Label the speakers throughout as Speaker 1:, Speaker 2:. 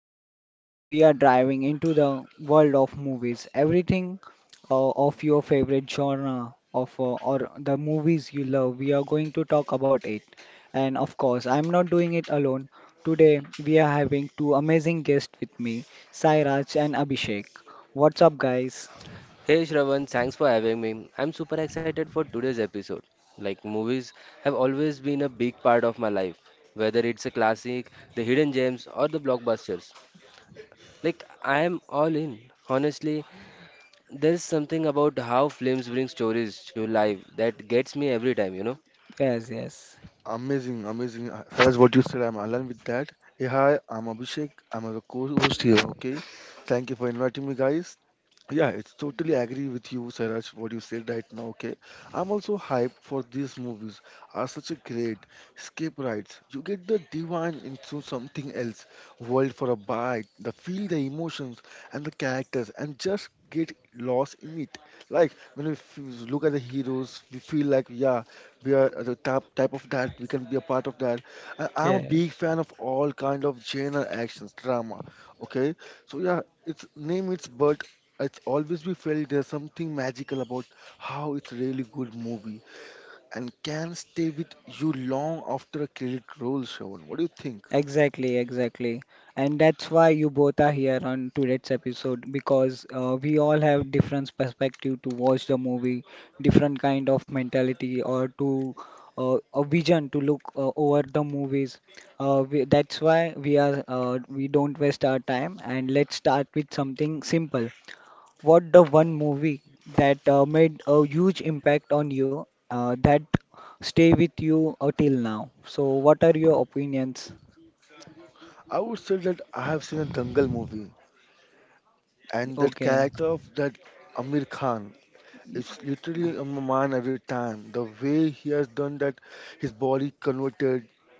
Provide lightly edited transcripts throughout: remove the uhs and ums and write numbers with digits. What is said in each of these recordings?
Speaker 1: special. We are diving into the world of movies, everything of your favorite genre of or the movies you love. We are going to talk about it. And of course, I'm not doing it alone. Today we are having two amazing guests with me, Sairaj and Abhishek. What's up guys?
Speaker 2: Hey Shravan, thanks for having me. I'm super excited for today's episode. Movies have always been a big part of my life, whether it's a classic, the hidden gems, or the blockbusters. I am all in. Honestly, there's something about how films bring stories to life that gets me every time,
Speaker 1: Yes, yes.
Speaker 3: Amazing, amazing. Faiz, what you said, I'm aligned with that. Hey, hi, I'm Abhishek. I'm a co-host here, okay? Thank you for inviting me, guys. Yeah, it's totally agree with you, Sairaj, what you said right now, okay? I'm also hyped for these movies. Are such a great escape rides. You get the divine into something else, world for a bite, the feel the emotions and the characters and just get lost in it. Like when look at the heroes, we feel like, yeah, we are the type of that we can be a part of that. I'm a
Speaker 1: Yes.
Speaker 3: big fan of all kind of genre actions drama, okay. So yeah, it's name it's but it's always we felt there's something magical about how it's really good movie and can stay with you long after a credit rolls, Shravan. What do you think?
Speaker 1: Exactly, exactly. And that's why you both are here on today's episode because we all have different perspective to watch the movie, different kind of mentality or to a vision to look over the movies. That's why we are we don't waste our time and let's start with something simple. What the one movie that made a huge impact on you that stay with you till now? So what are your opinions?
Speaker 3: I would say that I have seen a Dangal movie, and
Speaker 1: Okay.
Speaker 3: that character of that Amir Khan is literally on my mind every time. The way he has done that, his body converted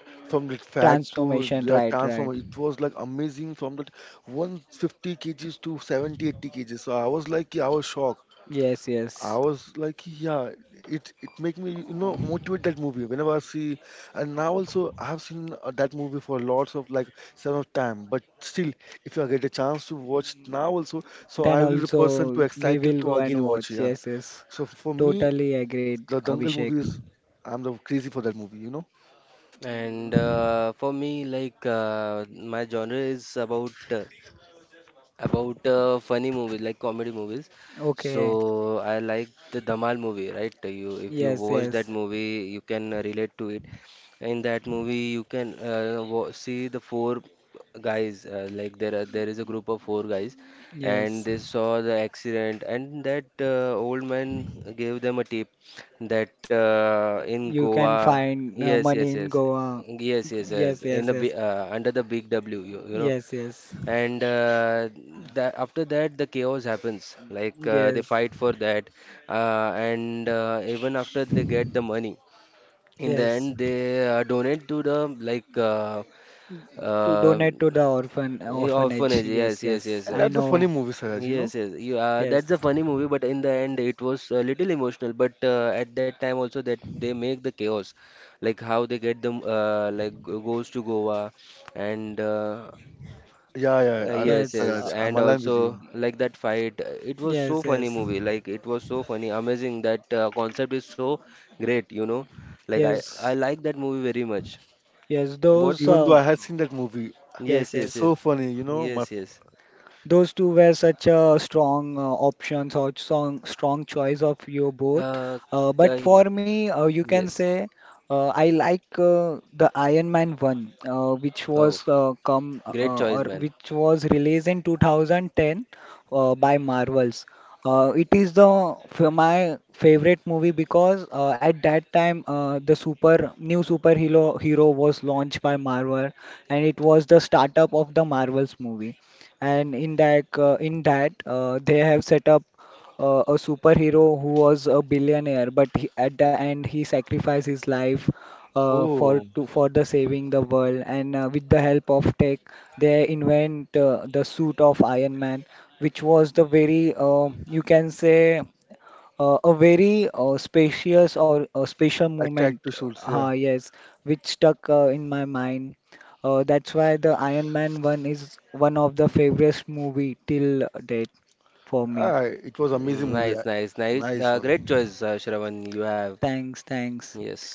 Speaker 3: from that fat to
Speaker 1: Transformation,
Speaker 3: the
Speaker 1: right, right.
Speaker 3: transformer, it was like amazing. From that 150 kgs to 70-80 kgs, so I was like, yeah, I was shocked.
Speaker 1: Yes, yes.
Speaker 3: I was like, yeah, it make me, you know, motivate that movie whenever I see. And now also I have seen that movie for lots of like some of time, but still if I get a chance to watch now also,
Speaker 1: Then
Speaker 3: so I will be the
Speaker 1: also
Speaker 3: person to
Speaker 1: we will
Speaker 3: excited
Speaker 1: go
Speaker 3: to
Speaker 1: and
Speaker 3: again
Speaker 1: watch.
Speaker 3: watch,
Speaker 1: Yes,
Speaker 3: yeah.
Speaker 1: yes.
Speaker 3: So for me,
Speaker 1: Totally agreed,
Speaker 3: the Dangal
Speaker 1: Abhishek.
Speaker 3: movie is, I'm the crazy for that movie, you know.
Speaker 2: And for me, my genre is about funny movies like comedy movies.
Speaker 1: Okay.
Speaker 2: So I like the Dhamal movie, right? You, if you
Speaker 1: Yes,
Speaker 2: watch that
Speaker 1: yes.
Speaker 2: movie, you can relate to it. In that movie, you can see the four guys. There is a group of four guys, and
Speaker 1: Yes.
Speaker 2: they saw the accident, and that old man gave them a tip that in
Speaker 1: You can
Speaker 2: Goa,
Speaker 1: find
Speaker 2: yes,
Speaker 1: money
Speaker 2: yes,
Speaker 1: in
Speaker 2: yes.
Speaker 1: Goa.
Speaker 2: Yes, yes, yes.
Speaker 1: Yes,
Speaker 2: In
Speaker 1: yes,
Speaker 2: the
Speaker 1: yes.
Speaker 2: under the big W, you know,
Speaker 1: Yes, yes.
Speaker 2: and that after that the chaos happens they
Speaker 1: Yes.
Speaker 2: fight for that and even after they get the money in the
Speaker 1: Yes.
Speaker 2: end they donate to the
Speaker 1: To
Speaker 2: uh,
Speaker 1: donate to the orphan orphanage.
Speaker 2: orphanage. Yes,
Speaker 1: Yes,
Speaker 2: yes, yes.
Speaker 1: yes. I
Speaker 3: And that's a
Speaker 1: know.
Speaker 3: funny movie, Saraj, you
Speaker 2: Yes, yes.
Speaker 3: know.
Speaker 2: You, that's a
Speaker 1: Yes.
Speaker 2: funny movie, but in the end it was a little emotional. But at that time also that they make the chaos, like how they get them, goes to Goa. And
Speaker 3: Yeah, yeah,
Speaker 2: Yes,
Speaker 3: I
Speaker 1: Yes.
Speaker 2: yes,
Speaker 1: Uh,
Speaker 3: Saraj,
Speaker 2: and
Speaker 3: I'm
Speaker 2: also
Speaker 3: aligned with you.
Speaker 2: like that fight, it was so
Speaker 1: yes,
Speaker 2: funny
Speaker 1: yes.
Speaker 2: movie. Like it was so funny, amazing. That concept is so great, you know. Like I
Speaker 1: Yes,
Speaker 2: like that movie very much.
Speaker 1: yes,
Speaker 2: What?
Speaker 1: those,
Speaker 3: Even
Speaker 1: uh,
Speaker 3: though I had seen that movie,
Speaker 2: Yes,
Speaker 1: yes,
Speaker 2: yes, yes,
Speaker 3: it's
Speaker 1: yes.
Speaker 3: so funny, you know.
Speaker 2: yes, yes.
Speaker 1: Those two were such a strong options or strong choice of you both.
Speaker 2: Uh, ca-
Speaker 1: But for me, you can
Speaker 2: yes.
Speaker 1: say I like the Iron Man 1, which
Speaker 2: Oh,
Speaker 1: was come
Speaker 2: great choice,
Speaker 1: or
Speaker 2: man.
Speaker 1: which was released in 2010 by Marvels. It is the my favorite movie because at that time the super new superhero hero was launched by Marvel and it was the startup of the Marvels movie and in that, they have set up a superhero who was a billionaire, but he, at the end he sacrificed his life uh, for
Speaker 3: Oh,
Speaker 1: to for the saving the world. And with the help of tech, they invent the suit of Iron Man, which was the very you can say. A very spacious or a special
Speaker 3: I
Speaker 1: moment,
Speaker 3: tried to shoot.
Speaker 1: uh,
Speaker 3: Yeah,
Speaker 1: yes, which stuck in my mind. That's why the Iron Man one is one of the favorite movie till date for me.
Speaker 3: ah, it was
Speaker 2: Mm.
Speaker 3: amazing
Speaker 2: Nice,
Speaker 3: movie. I-
Speaker 2: nice, nice.
Speaker 3: Nice
Speaker 2: Great
Speaker 3: one.
Speaker 2: choice, Shravan. You have.
Speaker 1: Thanks, thanks.
Speaker 2: Yes.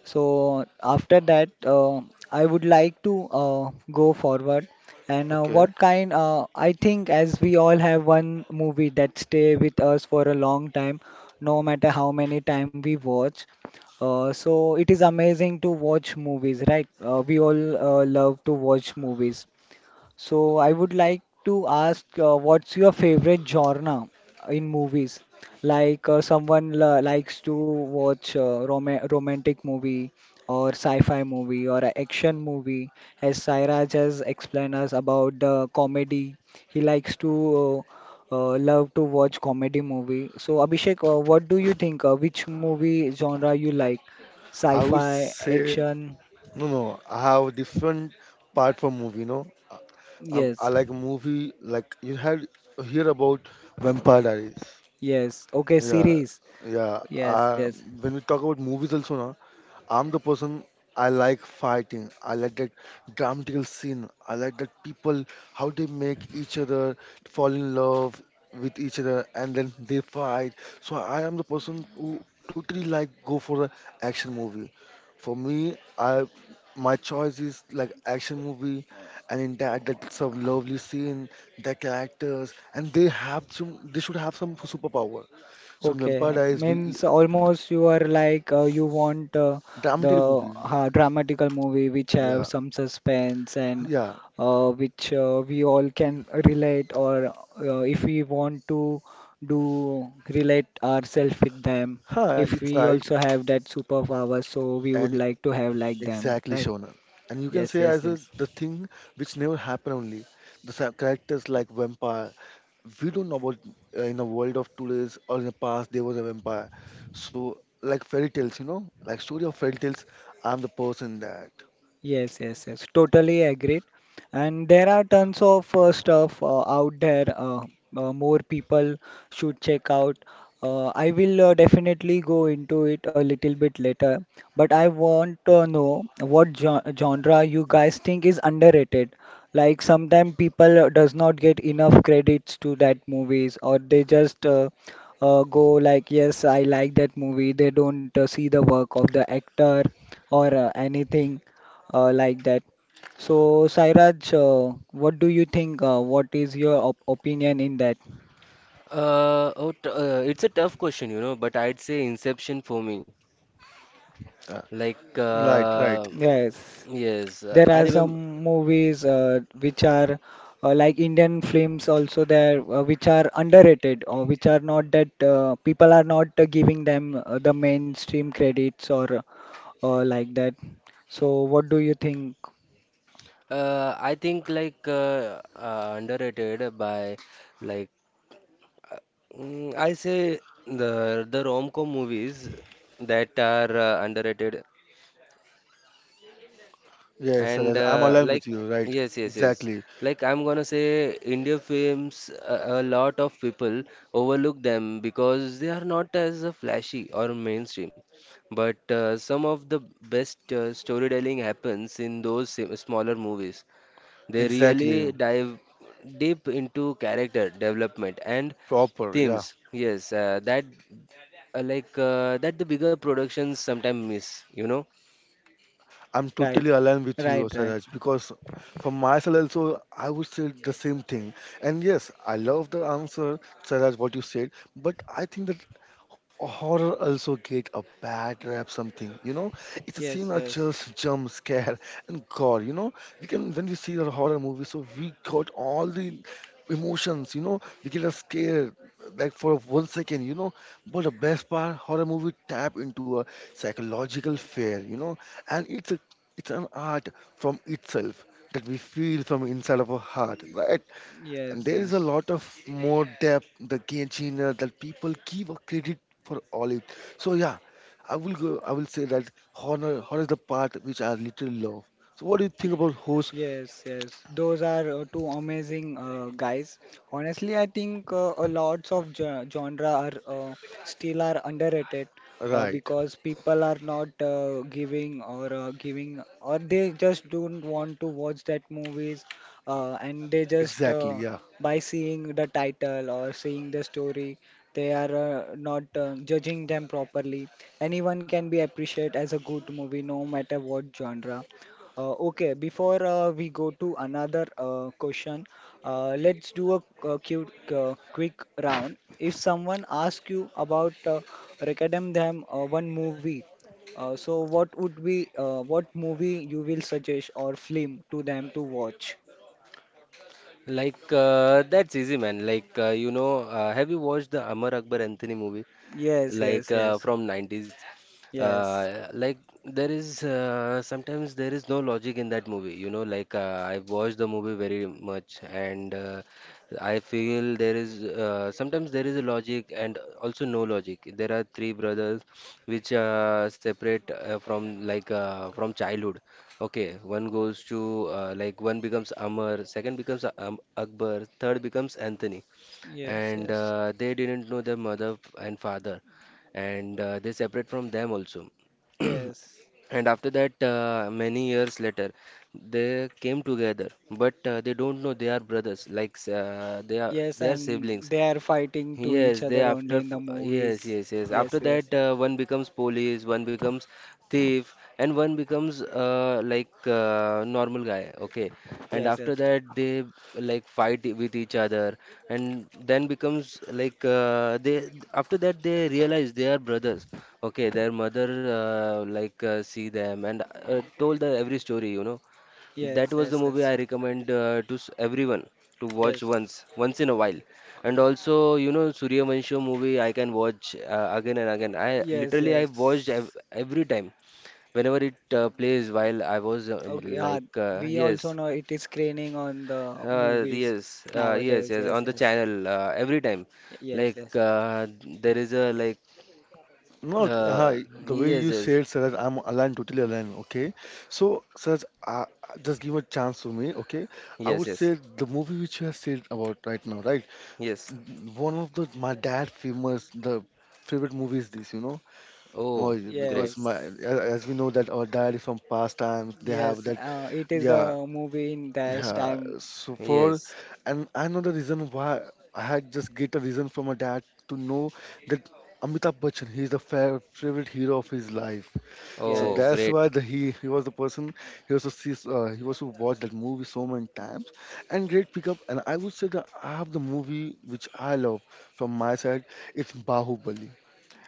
Speaker 1: So after that, I would like to go forward. And what
Speaker 3: Okay,
Speaker 1: kind? I think as we all have one movie that stay with us for a long time, no matter how many time we watch. So it is amazing to watch movies, right? We all love to watch movies. So I would like to ask, what's your favorite genre in movies? Like someone likes to watch romantic movie or sci-fi movie or a action movie. As Sairaj has explained us about the comedy, he likes to love to watch comedy movie. So Abhishek, what do you think? Which movie genre you like?
Speaker 3: I would
Speaker 1: Sci-fi,
Speaker 3: say
Speaker 1: action?
Speaker 3: no, no. I have different part from movie, you know. I,
Speaker 1: Yes,
Speaker 3: I like movie like you had hear about Vampire Diaries.
Speaker 1: yes. Okay,
Speaker 3: Yeah,
Speaker 1: series.
Speaker 3: yeah.
Speaker 1: Yes, yes.
Speaker 3: I, when we talk about movies also, na, I'm the person, I like fighting. I like that dramatical scene. I like that people, how they make each other fall in love with each other and then they fight. So I am the person who totally like go for a action movie. For me, I my choice is like action movie, and in that that's some lovely scene, the characters, and they have some, they should have some superpower. So in
Speaker 1: Okay,
Speaker 3: Vampire Diaries we
Speaker 1: means almost you are like you want the
Speaker 3: dramatic movie.
Speaker 1: dramatical movie which have
Speaker 3: Yeah.
Speaker 1: some suspense and
Speaker 3: Yeah.
Speaker 1: which we all can relate or if we want to do relate ourselves with them. If
Speaker 3: Huh,
Speaker 1: we
Speaker 3: it's
Speaker 1: also
Speaker 3: right.
Speaker 1: have that superpower, so we would
Speaker 3: And
Speaker 1: like to have like them, right?
Speaker 3: exactly, Shona. And you
Speaker 1: Yes,
Speaker 3: can say
Speaker 1: yes,
Speaker 3: as
Speaker 1: yes.
Speaker 3: a, the thing which never happened only. The characters like vampire. We don't know about in a world of today's or in the past there was a vampire. So like fairy tales, you know, like story of fairy tales. I'm the person that.
Speaker 1: Yes, yes, yes. Totally agreed. And there are tons of stuff out there. More people should check out. I will definitely go into it a little bit later. But I want to know what genre you guys think is underrated. Like sometimes people does not get enough credits to that movies, or they just go like, yes, I like that movie. They don't see the work of the actor or anything like that. So, Sairaj, what do you think? What is your op opinion in that?
Speaker 2: Oh, t it's a tough question, you know, but I'd say Inception for me.
Speaker 3: Yeah.
Speaker 2: Like,
Speaker 3: Right,
Speaker 2: uh,
Speaker 3: right.
Speaker 1: Yes,
Speaker 2: yes,
Speaker 1: there
Speaker 2: I
Speaker 1: are
Speaker 2: remember.
Speaker 1: some movies which are like Indian films also there, which are underrated or which are not that people are not giving them the mainstream credits or like that. So, what do you think?
Speaker 2: I think underrated by like uh, I say the rom-com movies that are underrated.
Speaker 3: Yes, sir,
Speaker 2: And
Speaker 3: yes, I'm
Speaker 2: uh,
Speaker 3: aligned
Speaker 2: like,
Speaker 3: with you. Right.
Speaker 2: yes, yes, yes.
Speaker 3: Exactly.
Speaker 2: Like I'm gonna say, India films, a lot of people overlook them because they are not as flashy or mainstream. But some of the best storytelling happens in those smaller movies. They really
Speaker 3: Exactly.
Speaker 2: dive deep into character development and
Speaker 3: Proper.
Speaker 2: themes.
Speaker 3: Yeah.
Speaker 2: Yes, that the bigger productions sometimes miss, you know.
Speaker 3: I'm
Speaker 1: Right,
Speaker 3: totally aligned with
Speaker 1: right,
Speaker 3: you,
Speaker 1: right.
Speaker 3: Saraj, because for myself also, I would say the same thing. And yes, I love the answer, Saraj, what you said, but I think that horror also get a bad rap something, you know? It's a
Speaker 1: Yes,
Speaker 3: scene of
Speaker 1: yes,
Speaker 3: just jump scare and gore, you know? We can, when we see a horror movie, so we got all the emotions, you know? We get a scare, like for 1 second, you know? But the best part, horror movie tap into a psychological fear, you know? And it's an art from itself that we feel from inside of our heart, right?
Speaker 1: yes,
Speaker 3: And there is
Speaker 1: yes.
Speaker 3: a lot of more depth, the Genshin that people give a credit for all it. So yeah, I will go. I will say that horror, horror is the part which I literally love. So what do you think about horse?
Speaker 1: Yes, yes, those are two amazing guys. Honestly, I think a lots of genre are still are underrated
Speaker 3: Right,
Speaker 1: because people are not giving or they just don't want to watch that movies and they just
Speaker 3: exactly. Yeah.
Speaker 1: by seeing the title or seeing the story they are not judging them properly. Anyone can be appreciated as a good movie no matter what genre. Okay, before we go to another question, let's do a, quick round. If someone asks you about recommend them one movie, so what would be what movie you will suggest or film to them to watch?
Speaker 2: That's easy, man. You know, have you watched the Amar Akbar Anthony movie?
Speaker 1: Yes, yes, yes,
Speaker 2: From 90's,
Speaker 1: yes,
Speaker 2: uh, like there is sometimes there is no logic in that movie, you know. I watched the movie very much, and I feel there is sometimes there is a logic and also no logic. There are three brothers which separate from like from childhood. Okay, one goes to, one becomes Amar, second becomes Akbar, third becomes Anthony,
Speaker 1: yes,
Speaker 2: and
Speaker 1: yes,
Speaker 2: they didn't know their mother and father, and they separate from them also.
Speaker 1: yes,
Speaker 2: And after that, many years later, they came together, but they don't know they are brothers, like
Speaker 1: yes,
Speaker 2: they are
Speaker 1: and
Speaker 2: siblings.
Speaker 1: they are fighting to each
Speaker 2: Yes, they
Speaker 1: other only in the
Speaker 2: yes,
Speaker 1: movies.
Speaker 2: yes, yes.
Speaker 1: Yes,
Speaker 2: After
Speaker 1: yes,
Speaker 2: that, one becomes police, one becomes thief, and one becomes normal guy. Okay, and
Speaker 1: yes,
Speaker 2: after
Speaker 1: yes,
Speaker 2: that, they like fight with each other, and then becomes like they after that they realize they are brothers. Okay, their mother see them and told the every story, you know.
Speaker 1: yes,
Speaker 2: That was the
Speaker 1: yes,
Speaker 2: movie
Speaker 1: yes.
Speaker 2: I recommend to everyone to watch
Speaker 1: Yes.
Speaker 2: once, once in a while. And also, you know, Suryavansham movie I can watch again and again. I
Speaker 1: Yes,
Speaker 2: literally I watched
Speaker 1: yes.
Speaker 2: ev every time whenever it plays, while I was
Speaker 1: Okay, yeah, we also
Speaker 2: yes,
Speaker 1: know it is screening on the movies
Speaker 2: yes, yes,
Speaker 1: nowadays.
Speaker 2: yes,
Speaker 1: Yes,
Speaker 2: on the
Speaker 1: yes.
Speaker 2: channel every time.
Speaker 1: Yes,
Speaker 2: Like
Speaker 1: yes.
Speaker 2: there is a like
Speaker 3: Not
Speaker 2: uh,
Speaker 3: hi. The way
Speaker 2: yes,
Speaker 3: you
Speaker 2: yes,
Speaker 3: said, siraj. I'm aligned, totally aligned. Okay, so siraj, just give a chance to me. Okay, I
Speaker 2: yes,
Speaker 3: would
Speaker 2: yes,
Speaker 3: say the movie which you have said about right now, right?
Speaker 2: yes.
Speaker 3: One of the my dad famous the favorite movies this, you know.
Speaker 2: Oh,
Speaker 3: Oh, yeah,
Speaker 2: great.
Speaker 3: because
Speaker 1: Yes.
Speaker 3: as we know that our dad is from past times they
Speaker 1: Yes,
Speaker 3: have that.
Speaker 1: it is
Speaker 3: Yeah,
Speaker 1: a movie in that
Speaker 3: yeah,
Speaker 1: time.
Speaker 3: so for,
Speaker 2: Yes.
Speaker 3: and I know the reason why, I had just get a reason from my dad to know that Amitabh Bachchan, he is the fa favorite hero of his life. So
Speaker 2: Oh,
Speaker 1: Yes.
Speaker 2: great.
Speaker 3: that's why he was the person, he was to see, he was to watch that movie so many times. And great pickup, and I would say that I have the movie which I love from my side. It's Bahubali,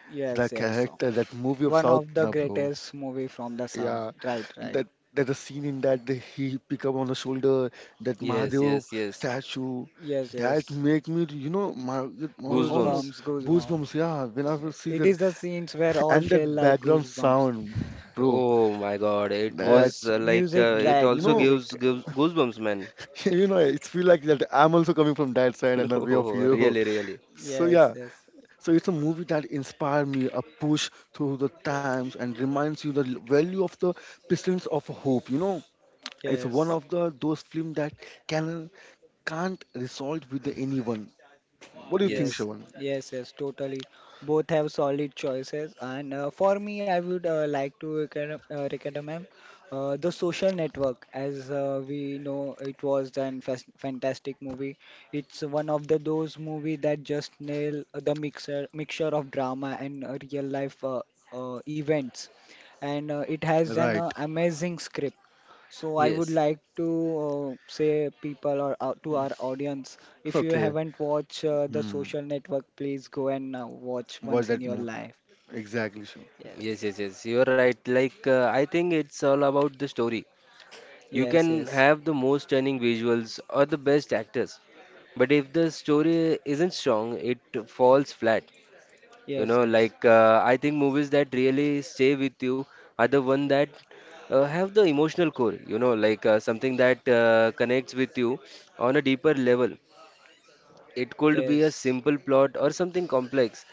Speaker 1: Yes,
Speaker 3: the
Speaker 1: yes. So,
Speaker 3: character that movie of
Speaker 1: one of
Speaker 3: South,
Speaker 1: the
Speaker 3: na bro.
Speaker 1: greatest movie from the South.
Speaker 3: Yeah,
Speaker 1: Right, right.
Speaker 3: that, that the scene in that he pick up on the shoulder that
Speaker 2: Yes, yes,
Speaker 3: Mahadev
Speaker 2: yes.
Speaker 3: statue,
Speaker 1: Yes,
Speaker 3: that
Speaker 1: yes.
Speaker 3: make me, you know, my, how
Speaker 2: Goosebumps.
Speaker 3: mu-
Speaker 1: Goosebumps, goosebumps.
Speaker 3: goosebumps, yeah, when I will
Speaker 1: Yes.
Speaker 3: see
Speaker 1: It
Speaker 3: that.
Speaker 1: is the scenes where all
Speaker 3: And
Speaker 1: feel
Speaker 3: that
Speaker 1: like
Speaker 3: background
Speaker 1: goosebumps.
Speaker 3: sound, bro,
Speaker 2: Oh my God. It
Speaker 3: that.
Speaker 2: was
Speaker 1: Yes, music
Speaker 2: it
Speaker 1: track,
Speaker 3: You
Speaker 2: also
Speaker 3: know,
Speaker 1: music
Speaker 2: gives,
Speaker 1: track.
Speaker 2: gives goosebumps, man.
Speaker 3: you know, it feel like that I'm also coming from that side and the way of
Speaker 2: Oh, really,
Speaker 3: hero.
Speaker 2: really.
Speaker 3: So
Speaker 1: Yes,
Speaker 3: yeah,
Speaker 1: yes.
Speaker 3: so it's a movie that inspired me, a push through the times and reminds you the l- value of the presence of hope. You know, it's one
Speaker 1: Yes.
Speaker 3: of the those film that can can't resolve with anyone. What do you think,
Speaker 1: Yes,
Speaker 2: Yes.
Speaker 3: Shavan?
Speaker 1: yes, yes, totally. Both have solid choices, and for me, I would like to recommend the Social Network, as we know it was an fantastic movie. It's one of the those movie that just nail the mixer mixture of drama and real life events, and it has an
Speaker 3: Right.
Speaker 1: amazing script so I would
Speaker 2: Yes.
Speaker 1: like to say people or to our audience, if you
Speaker 3: Okay.
Speaker 1: haven't watched The
Speaker 3: Hmm.
Speaker 1: Social Network, please go and watch once
Speaker 3: Watch
Speaker 1: in
Speaker 3: that
Speaker 1: your
Speaker 3: movie.
Speaker 1: life.
Speaker 3: Exactly, Shavan.
Speaker 2: Yes,
Speaker 1: Yes.
Speaker 2: yes, yes. You're right. I think it's all about the story. You
Speaker 1: Yes,
Speaker 2: can
Speaker 1: yes,
Speaker 2: have the most stunning visuals or the best actors, but if the story isn't strong, it falls flat. You
Speaker 1: yes,
Speaker 2: know,
Speaker 1: yes,
Speaker 2: I think movies that really stay with you are the one that have the emotional core. You know, something that connects with you on a deeper level. It could be a
Speaker 1: yes,
Speaker 2: simple plot or something complex,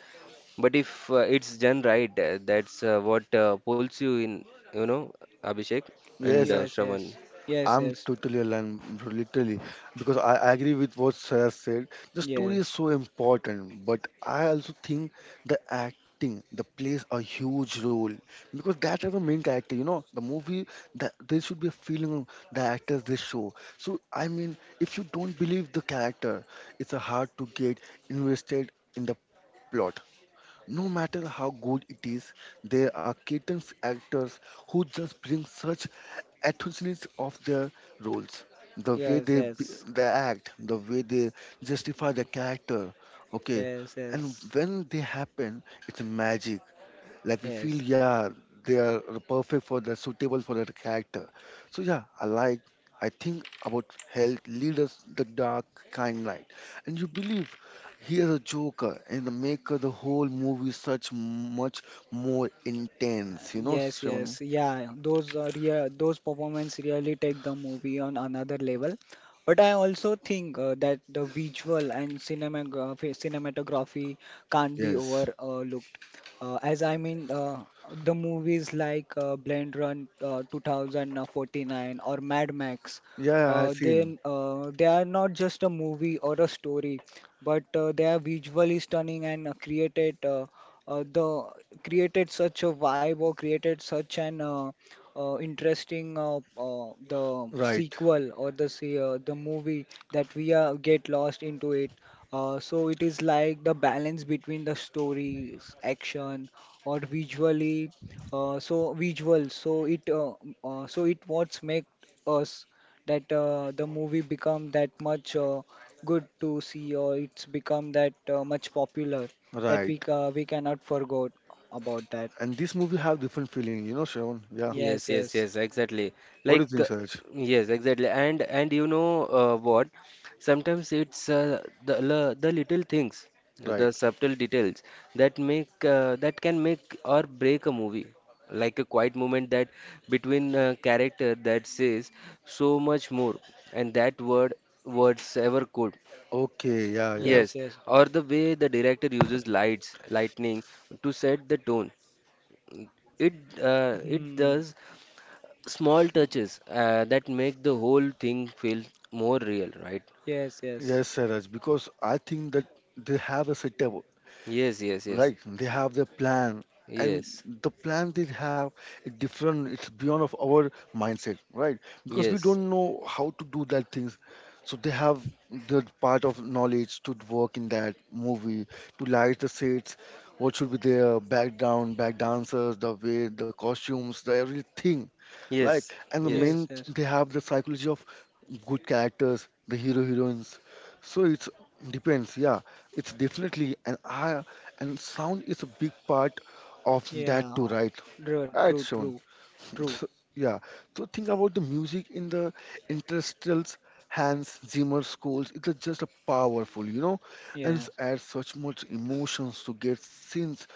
Speaker 2: but if it's done right, that's what pulls you in. You know, Abhishek and
Speaker 3: Yes,
Speaker 1: yes,
Speaker 2: Shravan.
Speaker 1: yes, yes,
Speaker 3: I'm
Speaker 1: yes,
Speaker 3: totally aligned, bro, literally, because I agree with what Sarah said. The story
Speaker 1: yes,
Speaker 3: is so important, but I also think the acting the plays a huge role, because that is the main character. You know, the movie that there should be a feeling of the actors they show. So I mean, if you don't believe the character, it's a hard to get invested in the plot. No matter how good it is, there are certain actors who just bring such ethnicities of their roles, the way
Speaker 1: yes,
Speaker 3: they be,
Speaker 1: yes,
Speaker 3: they act, the way they justify their character. Okay,
Speaker 1: yes,
Speaker 3: and
Speaker 1: yes,
Speaker 3: when they happen, it's magic. Like we
Speaker 1: yes,
Speaker 3: feel, yeah, they are perfect for the suitable for that character. So yeah, I like. I think about health leaders the dark kind light, and you believe he is a joker and the maker the whole movie such much more intense. You know,
Speaker 1: yes. Yes,
Speaker 3: Sean?
Speaker 1: yeah. Those rea those performance really take the movie on another level. But I also think that the visual and cinematography can't be
Speaker 3: Yes.
Speaker 1: overlooked. As I mean, the movies like Blade Run 2049 or Mad Max.
Speaker 3: Yeah, I've seen.
Speaker 1: They are not just a movie or a story, but they are visually stunning and created the created such a vibe or created such an interesting the
Speaker 3: Right,
Speaker 1: sequel or the se- the movie that we get lost into it. So it is like the balance between the stories, action, or visually. So visual. So it what's make us that the movie become that much good to see or it's become that much popular that
Speaker 3: right.
Speaker 1: we cannot forget about that.
Speaker 3: And this movie have different feeling, you know, Shravan. Yeah.
Speaker 1: Yes,
Speaker 2: Yes, yes,
Speaker 1: yes,
Speaker 2: yes, exactly.
Speaker 3: What
Speaker 2: Like,
Speaker 3: do you
Speaker 2: uh,
Speaker 3: think, Saraj?
Speaker 2: yes, exactly. And you know what? Sometimes it's the little things, the
Speaker 3: Right.
Speaker 2: subtle details that make that can make or break a movie. Like a quiet moment that between a character that says so much more, and that words ever could.
Speaker 3: Okay, yeah, yeah.
Speaker 1: yes,
Speaker 2: Yes,
Speaker 1: yes.
Speaker 2: or the way the director uses lights, lightning to set the tone. It it
Speaker 1: Hmm.
Speaker 2: does small touches that make the whole thing feel more real, right?
Speaker 1: Yes, yes,
Speaker 3: Yes, Saraj, because I think that they have a setup,
Speaker 2: Yes, yes, yes,
Speaker 3: right? They have their plan, and
Speaker 2: yes,
Speaker 3: the plan they have is different. It's beyond of our mindset, right? Because we
Speaker 2: yes,
Speaker 3: don't know how to do that things. So they have the part of knowledge to work in that movie, to light the sets, what should be their background, back dancers, the way, the costumes, the everything. Like,
Speaker 2: yes,
Speaker 3: yes. And the
Speaker 2: yes,
Speaker 1: yes,
Speaker 3: main,
Speaker 1: yes.
Speaker 3: they have the psychology of good characters, the hero heroines. So it's depends, yeah. It's definitely, and I and sound is a big part of that
Speaker 1: Yeah.
Speaker 3: too, right?
Speaker 1: True,
Speaker 3: Right,
Speaker 1: true, true,
Speaker 3: Sean.
Speaker 1: true.
Speaker 3: So, yeah. So think about the music in the Interstellar's Hans Zimmer scores. It's just a powerful, you know, and it
Speaker 1: Yes.
Speaker 3: adds such much emotions to get scenes,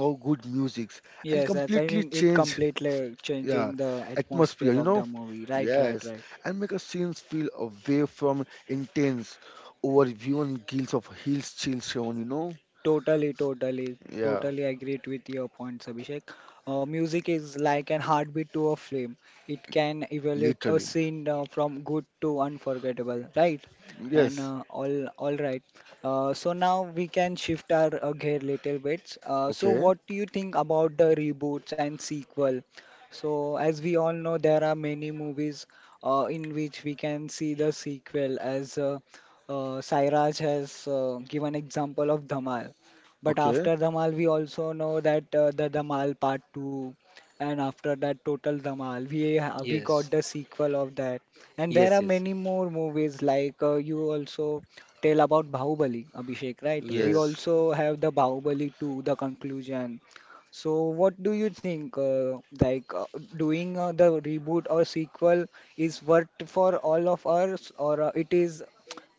Speaker 3: how good musics, and
Speaker 1: Yes, that's I mean
Speaker 3: completely
Speaker 1: it
Speaker 3: change,
Speaker 1: completely changing
Speaker 3: yeah,
Speaker 1: the atmosphere
Speaker 3: atmosphere, you
Speaker 1: of the
Speaker 3: know.
Speaker 1: movie. Right, right,
Speaker 3: Yes,
Speaker 1: right.
Speaker 3: and make a scenes feel away from intense overview and guilt of hills chill shown, you know.
Speaker 1: Totally, totally,
Speaker 3: Yeah,
Speaker 1: totally agreed with your points, Abhishek. Music is like an heartbeat to a flame. It can evaluate a
Speaker 3: literally.
Speaker 1: scene from good to unforgettable, right? And
Speaker 3: Yes.
Speaker 1: all right. So now we can shift our gear little bit. So
Speaker 3: Okay.
Speaker 1: what do you think about the reboots and sequel? So as we all know, there are many movies in which we can see the sequel as Sairaj has given example of Dhamal, but
Speaker 3: Okay.
Speaker 1: after Dhamal, we also know that the Dhamal Part Two, and after that Total Dhamal, we
Speaker 2: yes,
Speaker 1: got the sequel of that, and there
Speaker 2: yes,
Speaker 1: are
Speaker 2: yes,
Speaker 1: many more movies like you also tell about Bahubali, Abhishek, right? We
Speaker 2: yes.
Speaker 3: Yes.
Speaker 1: also have the Bahubali 2, the conclusion. So, what do you think? Doing the reboot or sequel is worth for all of us, or it is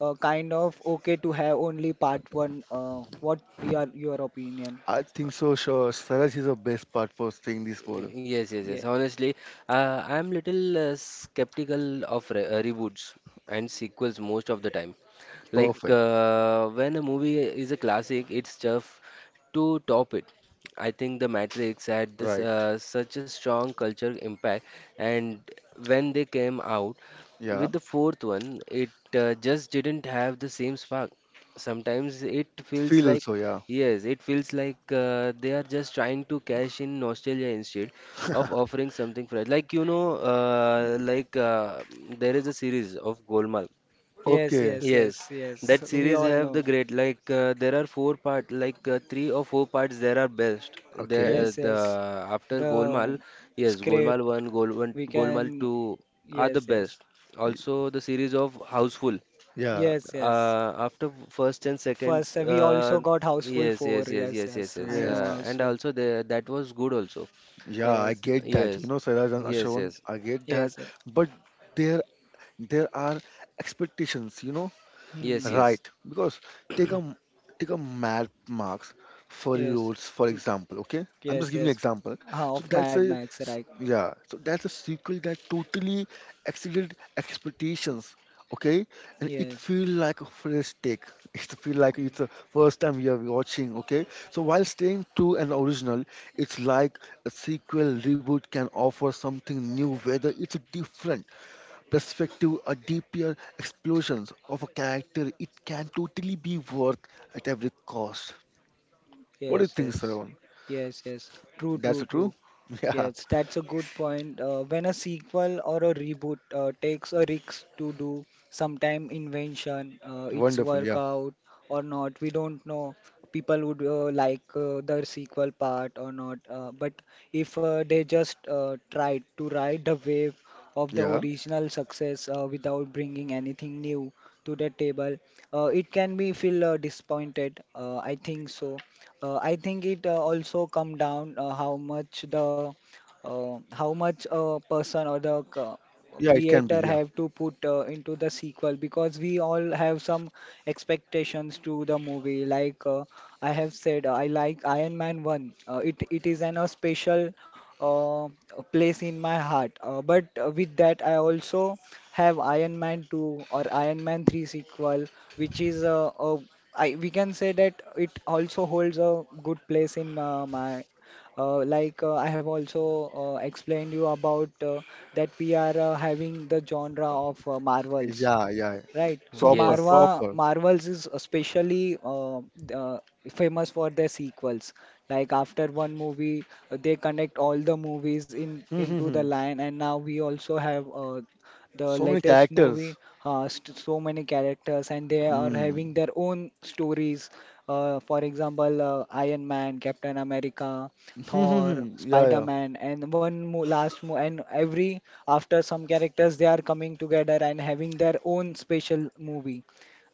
Speaker 1: kind of okay to have only part one. What your opinion?
Speaker 3: I think so. Sure. Saraj is the best part for saying this word.
Speaker 2: Yes, yes,
Speaker 1: Yeah.
Speaker 2: yes. Honestly, I'm little skeptical of re reboots and sequels most of the time.
Speaker 1: Yes.
Speaker 3: Perfect.
Speaker 2: When a movie is a classic, it's tough to top it. I think The Matrix had this
Speaker 3: Right.
Speaker 2: such a strong culture impact, and when they came out
Speaker 3: Yeah.
Speaker 2: with the fourth one, it just didn't have the same spark. Sometimes it feels
Speaker 3: Feel
Speaker 2: like,
Speaker 3: also. Yeah.
Speaker 2: yes, it feels like they are just trying to cash in nostalgia instead of offering something fresh. Like you know,
Speaker 1: Y-
Speaker 2: there is a series of Golmaal.
Speaker 1: Yes.
Speaker 3: Okay.
Speaker 1: Yes.
Speaker 2: Yes,
Speaker 1: Yes. Yes.
Speaker 2: that
Speaker 1: We
Speaker 2: series
Speaker 1: all
Speaker 2: have the
Speaker 1: know.
Speaker 2: great, there are four part, three or four parts there are best. There
Speaker 3: Okay.
Speaker 1: Yes.
Speaker 2: the
Speaker 1: Yes.
Speaker 2: after
Speaker 1: The
Speaker 2: Golmaal, yes, Golmaal
Speaker 1: script
Speaker 2: one,
Speaker 1: we
Speaker 2: Golmaal
Speaker 1: can.
Speaker 2: two are the
Speaker 1: Yes. Yes.
Speaker 2: best. Also the series of Houseful.
Speaker 3: Yeah.
Speaker 1: Yes. Yes.
Speaker 2: After first and second,
Speaker 1: First, we also got Houseful
Speaker 2: yes,
Speaker 1: 4.
Speaker 2: yes, yes,
Speaker 1: Yes.
Speaker 2: yes, yes,
Speaker 1: Yes. I
Speaker 2: yes.
Speaker 1: know
Speaker 3: Yes.
Speaker 2: And
Speaker 1: Houseful.
Speaker 2: also the that was good also.
Speaker 3: Yeah. I
Speaker 1: Yes.
Speaker 3: get that. You
Speaker 2: Yes,
Speaker 3: know, Saraj and
Speaker 2: yes,
Speaker 3: Ashwan,
Speaker 2: yes,
Speaker 3: I get
Speaker 1: Yes.
Speaker 3: that.
Speaker 1: Yes.
Speaker 3: But there, there are expectations. You know,
Speaker 2: yes,
Speaker 1: Hmm.
Speaker 2: yes,
Speaker 3: right, because take a take a map marks, furry
Speaker 1: Yes.
Speaker 3: roads, for
Speaker 1: Mm,
Speaker 3: example. Okay, I'm just
Speaker 1: yes.
Speaker 3: giving
Speaker 1: Yes.
Speaker 3: example.
Speaker 1: Ah,
Speaker 3: So
Speaker 1: of
Speaker 3: that's
Speaker 1: Mad Max, right?
Speaker 3: yeah. So that's a sequel that totally exceeded expectations. Okay, and it
Speaker 1: Yes.
Speaker 3: feel like a fresh take. It feel like it's the first time we are watching. Okay, so while staying true and original, it's like a sequel reboot can offer something new, whether it's different perspective or deeper explosions of a character, it can totally be worth at every cost. What do you
Speaker 1: Yes,
Speaker 3: think,
Speaker 1: yes,
Speaker 3: Saravan?
Speaker 1: yes, yes. True, true,
Speaker 3: That's
Speaker 1: true.
Speaker 3: true? Yeah,
Speaker 1: Yes, that's a good point. When a sequel or a reboot takes a risk to do sometime invention, it's
Speaker 3: wonderful.
Speaker 1: work
Speaker 3: Yeah,
Speaker 1: out or not, we don't know. People would like the sequel part or not. But if they just tried to ride the wave of the
Speaker 3: yeah,
Speaker 1: original success without bringing anything new to the table, it can be feel disappointed. I think so. I think it also come down how much the how much a person or the
Speaker 3: yeah, it can be.
Speaker 1: creator
Speaker 3: Yeah,
Speaker 1: have to put into the sequel because we all have some expectations to the movie like I have said I like iron man 1 uh, it is an a special uh, place in my heart but with that I also have iron man 2 or iron man 3 sequel which is we can say that it also holds a good place in my. I have also explained you about that we are having the genre of Marvels,
Speaker 3: yeah, yeah,
Speaker 1: right? So
Speaker 3: proper,
Speaker 2: yes.
Speaker 1: Marva
Speaker 3: proper.
Speaker 1: Marvels is especially uh, famous for their sequels. Like after one movie, they connect all the movies in
Speaker 3: Hmm, hmm,
Speaker 1: into the
Speaker 3: hmm.
Speaker 1: line, and now we also have the
Speaker 3: So many
Speaker 1: latest movie
Speaker 3: characters.
Speaker 1: has so many characters and they are having
Speaker 3: Hmm.
Speaker 1: their own stories for example iron man captain america
Speaker 3: Hmm, hmm,
Speaker 1: Thor,
Speaker 3: hmm. Yeah, yeah.
Speaker 1: Spider-Man, and one mo last mo and every after some characters they are coming together and having their own special movie,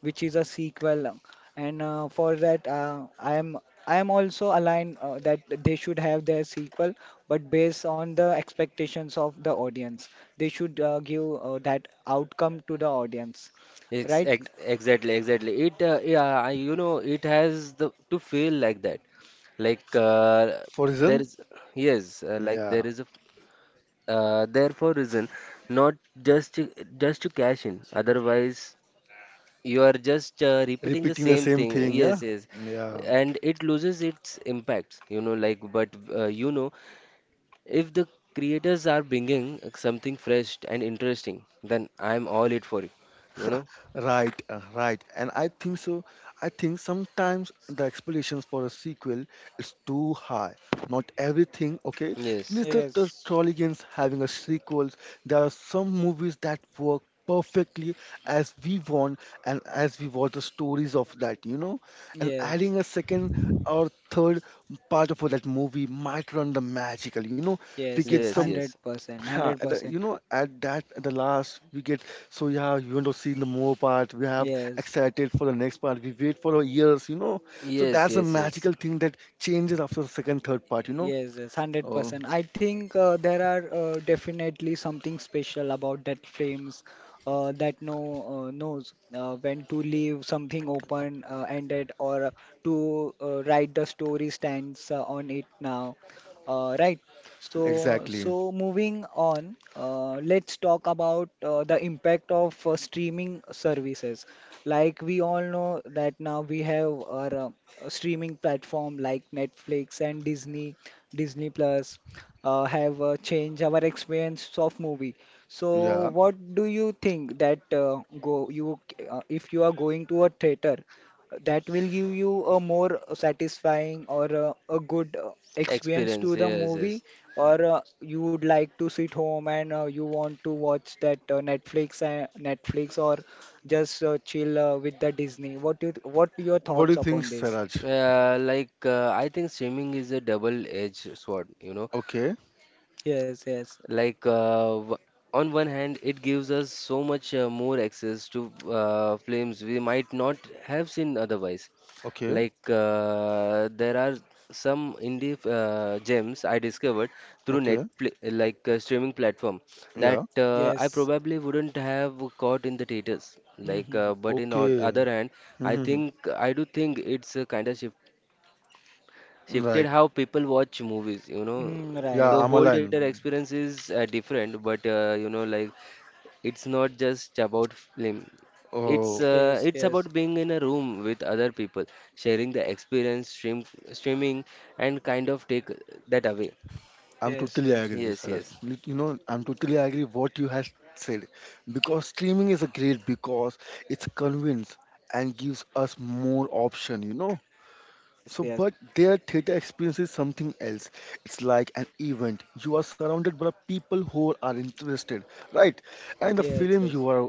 Speaker 1: which is a sequel. And for that, I am also aligned that they should have their sequel, but based on the expectations of the audience, they should give that outcome to the audience, right?
Speaker 2: Exactly. Yeah, you know, it has the to feel like that. Like uh,
Speaker 3: For
Speaker 2: there
Speaker 3: reason?
Speaker 2: is, yes, like
Speaker 3: Yeah.
Speaker 2: there is a f- there for reason, not just to, just to cash in. Otherwise, you are just repeating the
Speaker 3: Repeating the
Speaker 2: same
Speaker 3: same
Speaker 2: thing.
Speaker 3: thing. Yeah,
Speaker 2: Yes, yes.
Speaker 3: yeah.
Speaker 2: And it loses its impacts, you know, like. But you know, if the creators are bringing something fresh and interesting, then I'm all it for you, you know?
Speaker 3: Right, right. And I think so. I think sometimes the expectations for a sequel is too high. Not everything, okay?
Speaker 2: Yes,
Speaker 3: Neither the
Speaker 1: Yes.
Speaker 3: Trolligans having a sequels. There are some movies that work perfectly as we want, and as we want the stories of that, you know? And adding
Speaker 1: Yes,
Speaker 3: a second or third part of that movie might run the magical, you know? We
Speaker 1: yes,
Speaker 3: get
Speaker 1: yes,
Speaker 2: yes,
Speaker 3: some
Speaker 1: hundred
Speaker 2: yes.
Speaker 1: percent,
Speaker 3: yeah,
Speaker 1: hundred
Speaker 3: at
Speaker 1: percent.
Speaker 3: at that, at the last, we get so yeah, you want to see the more part. We have
Speaker 1: Yes,
Speaker 3: excited for the next part. We wait for years, you know. So
Speaker 2: Yes,
Speaker 3: that's a
Speaker 2: yes, yes.
Speaker 3: magical thing that changes after the second, third part, you know.
Speaker 1: yes, yes,
Speaker 3: Oh,
Speaker 1: 100%. I think there are definitely something special about that frames that no knows when to leave something open ended or to write the story stands on it now. Right. So,
Speaker 3: exactly.
Speaker 1: so moving on, let's talk about the impact of streaming services. Like we all know that now we have our streaming platform like Netflix and Disney Plus have changed our experience of movie. So
Speaker 3: Yeah.
Speaker 1: what do you think that go you if you are going to a theater that will give you a more satisfying or a good experience
Speaker 2: Experience,
Speaker 1: to the
Speaker 2: yes, yes.
Speaker 1: movie or you would like to sit home and you want to watch that Netflix or just chill with the Disney. What your
Speaker 3: What do
Speaker 1: thoughts
Speaker 3: you think,
Speaker 1: upon this?
Speaker 3: Saraj?
Speaker 2: I think streaming is a double-edged sword, you know.
Speaker 3: Okay,
Speaker 1: Yes, yes,
Speaker 2: Like, uh, w- on one hand, it gives us so much more access to films we might not have seen otherwise.
Speaker 3: okay,
Speaker 2: There are some indie gems I discovered through
Speaker 3: okay.
Speaker 2: Netflix, streaming platform, that
Speaker 3: Yeah,
Speaker 2: I
Speaker 1: yes.
Speaker 2: probably wouldn't have caught in the theaters.
Speaker 1: Mm-hmm.
Speaker 2: But in o-
Speaker 3: okay.
Speaker 2: other hand, I
Speaker 3: hmm
Speaker 2: think I do think it's a kind of shifted
Speaker 3: Right.
Speaker 2: how people watch movies, you know.
Speaker 1: Mm,
Speaker 3: Yeah,
Speaker 1: right.
Speaker 2: The
Speaker 3: I'm
Speaker 1: Right.
Speaker 2: whole theater
Speaker 3: aligned.
Speaker 2: experience is different, but you know, like it's not just about film,
Speaker 3: Oh,
Speaker 1: Yes,
Speaker 2: it's
Speaker 1: yes,
Speaker 2: about being in a room with other people sharing the experience. Streaming and kind of take that away.
Speaker 3: I'm
Speaker 1: yes,
Speaker 3: totally
Speaker 1: yes,
Speaker 3: agree,
Speaker 2: Yes,
Speaker 3: sir.
Speaker 2: yes,
Speaker 3: You know, I'm totally agree what you have said because streaming is a great because it's convince and gives us more option, you know.
Speaker 1: yes,
Speaker 3: So,
Speaker 1: yes,
Speaker 3: but their theater experience is something else. It's like an event. You are surrounded by people who are interested, right? And the
Speaker 1: yes,
Speaker 3: film,
Speaker 1: yes.
Speaker 3: you are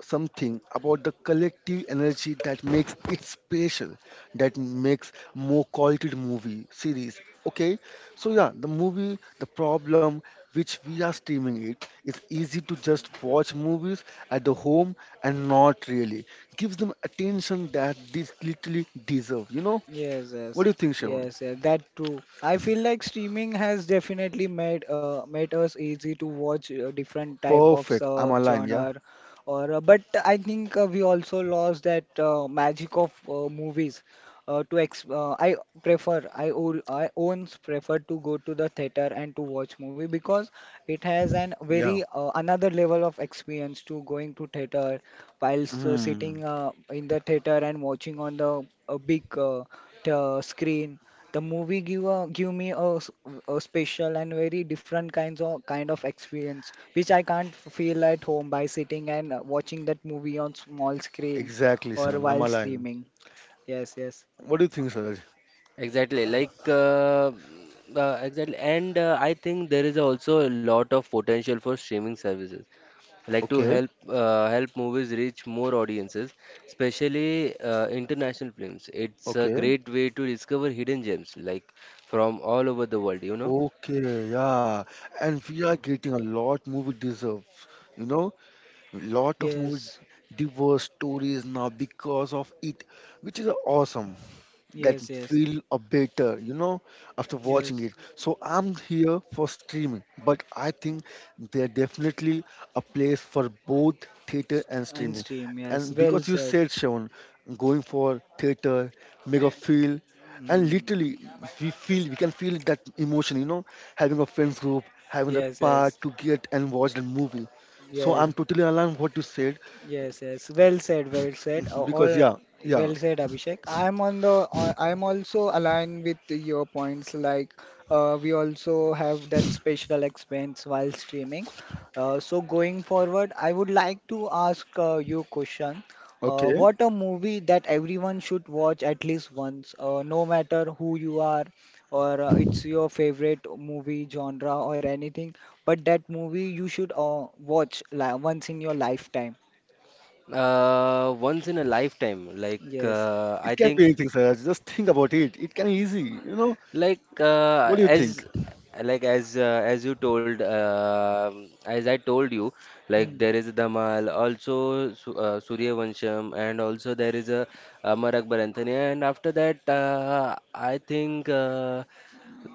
Speaker 3: something about the collective energy that makes it special, that makes more quality movie series. Okay, so yeah, the movie, the problem which we are streaming it is easy to just watch movies at the home and not really gives them attention that they literally deserve, you know.
Speaker 1: Yes,
Speaker 3: What
Speaker 1: yes,
Speaker 3: do you think, Sean?
Speaker 1: yes, yes, that too. I feel like streaming has definitely made us easy to watch different type of
Speaker 3: Perfect. I'm
Speaker 1: sub
Speaker 3: aligned. Yeah.
Speaker 1: genre, or but I think we also lost that magic of movies. To ex I prefer I o I owns prefer to go to the theater and to watch movie because it has an
Speaker 3: Yeah.
Speaker 1: very another level of experience to going to theater whilst
Speaker 3: Mm,
Speaker 1: sitting in the theater and watching on the a big the screen the movie give me a special and very different kind of experience which I can't feel at home by sitting and watching that movie on small screen
Speaker 3: exactly,
Speaker 1: or
Speaker 3: Sean. I'm
Speaker 1: while
Speaker 3: aligned.
Speaker 1: streaming. Yes, yes,
Speaker 3: What do you think, Suraj?
Speaker 2: exactly. Exactly. and I think there is also a lot of potential for streaming services like to
Speaker 3: Okay.
Speaker 2: help movies reach more audiences, especially international films. It's a
Speaker 3: Okay.
Speaker 2: great way to discover hidden gems like from all over the world, you know.
Speaker 3: Okay. Yeah. And we are getting a lot movie deserves. You know, lot of movie
Speaker 1: yes,
Speaker 3: diverse stories now because of it, which is awesome. That
Speaker 1: yes, yes,
Speaker 3: feel a better, you know, after watching
Speaker 1: yes.
Speaker 3: it. So I'm here for streaming, but I think there definitely a place for both theater
Speaker 1: S-
Speaker 3: and
Speaker 1: and
Speaker 3: streaming.
Speaker 1: stream, yes,
Speaker 3: And
Speaker 1: well
Speaker 3: because you
Speaker 1: said.
Speaker 3: said, Sean, going for theater, make a feel, and
Speaker 1: Mm.
Speaker 3: literally we feel we can feel that emotion, you know, having a friends group, having a
Speaker 1: Yes,
Speaker 3: part
Speaker 1: yes,
Speaker 3: to get and watch the movie. So I'm
Speaker 1: yes.
Speaker 3: totally aligned what you said
Speaker 1: Yes, yes. Well said, well said.
Speaker 3: because
Speaker 1: All
Speaker 3: yeah, yeah,
Speaker 1: well said, Abhishek. I am also aligned with your points. Like we also have that special expense while streaming. So going forward, I would like to ask you question.
Speaker 3: okay.
Speaker 1: What a movie that everyone should watch at least once, no matter who you are or it's your favorite movie genre or anything, but that movie you should watch li once in your lifetime.
Speaker 2: Once in a lifetime,
Speaker 1: Yes.
Speaker 2: I
Speaker 3: It can be
Speaker 2: think,
Speaker 3: anything, sir. Just think about it. It can easy, you know.
Speaker 2: Like
Speaker 3: What
Speaker 2: uh,
Speaker 3: do you think?
Speaker 2: as as you told, as I told you, like
Speaker 1: Hmm.
Speaker 2: there is Dhamal also, Su Suryavansham, and also there is a Amar Akbar Anthony. And after that, I think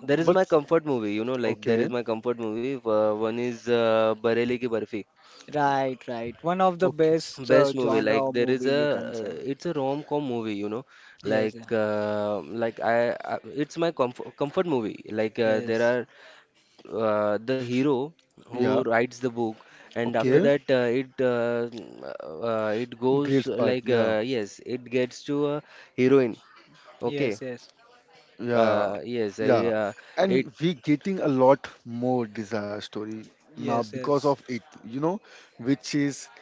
Speaker 2: there is
Speaker 3: But
Speaker 2: my comfort movie, you know, like there is
Speaker 3: okay,
Speaker 2: my comfort movie one is Bareilly Ki Barfi.
Speaker 1: Right, right. One of the
Speaker 3: okay,
Speaker 1: best
Speaker 2: Best movie, like
Speaker 1: genre of
Speaker 2: there is
Speaker 1: movie
Speaker 2: a
Speaker 1: you can say.
Speaker 2: it's a rom-com movie, you know,
Speaker 1: Yes,
Speaker 2: like
Speaker 1: yeah.
Speaker 2: uh, like I, I it's my comfort movie. There
Speaker 1: Yes,
Speaker 2: are, the hero who
Speaker 3: yeah,
Speaker 2: writes the book, and after
Speaker 1: yes,
Speaker 3: okay.
Speaker 2: that, it goes
Speaker 3: Great part,
Speaker 2: like,
Speaker 3: yeah,
Speaker 2: yes, it gets to a heroine. Okay,
Speaker 1: yes, yes,
Speaker 3: yeah,
Speaker 2: yes, I
Speaker 3: yeah.
Speaker 2: it
Speaker 3: And we getting a lot more desire story now
Speaker 1: yes,
Speaker 3: because
Speaker 1: yes.
Speaker 3: of it, you know, which is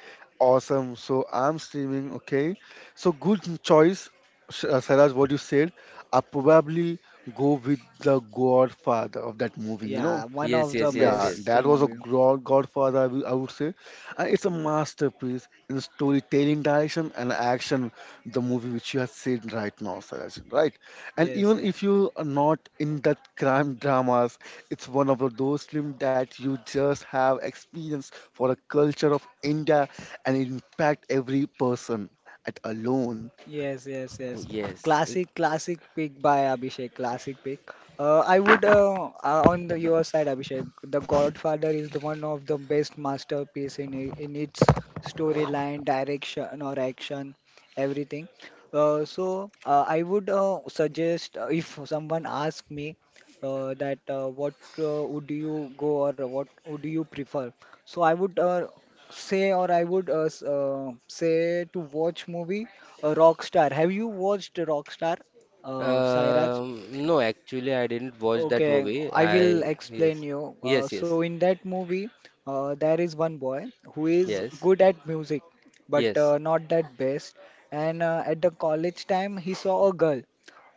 Speaker 3: awesome. So I'm streaming, okay. So good choice, Saraj. What you said, I probably go with the Godfather of that movie, you
Speaker 1: Yeah,
Speaker 3: know.
Speaker 1: one
Speaker 2: yes,
Speaker 1: of the
Speaker 2: yes, yes,
Speaker 3: Yeah,
Speaker 2: yes,
Speaker 1: best
Speaker 3: that was a
Speaker 1: movie.
Speaker 3: god Godfather, I would say. And it's a masterpiece in storytelling direction and action, the movie which you have seen right now, Saraj, right? And
Speaker 1: Yes,
Speaker 3: even
Speaker 1: yeah.
Speaker 3: if you are not in that crime dramas, it's one of those films that you just have experience for a culture of India and impact every person at alone.
Speaker 1: Yes, yes, yes.
Speaker 2: yes.
Speaker 1: Classic, classic pick by Abhishek. Classic pick. I would On the, your side, Abhishek. The Godfather is the one of the best masterpiece in in its storyline, direction, or action, everything. I would suggest if someone asks me that what would you go or what would you prefer? So I would say or I would say to watch movie Rockstar. Have you watched Rockstar, Sairaj?
Speaker 2: No, actually, I didn't watch that
Speaker 1: Okay,
Speaker 2: movie.
Speaker 1: I will
Speaker 2: I,
Speaker 1: explain
Speaker 2: yes,
Speaker 1: you.
Speaker 2: yes,
Speaker 1: So
Speaker 2: yes,
Speaker 1: in that movie, there is one boy who is
Speaker 2: yes,
Speaker 1: good at music, but
Speaker 2: yes.
Speaker 1: not that best. And at the college time, he saw a girl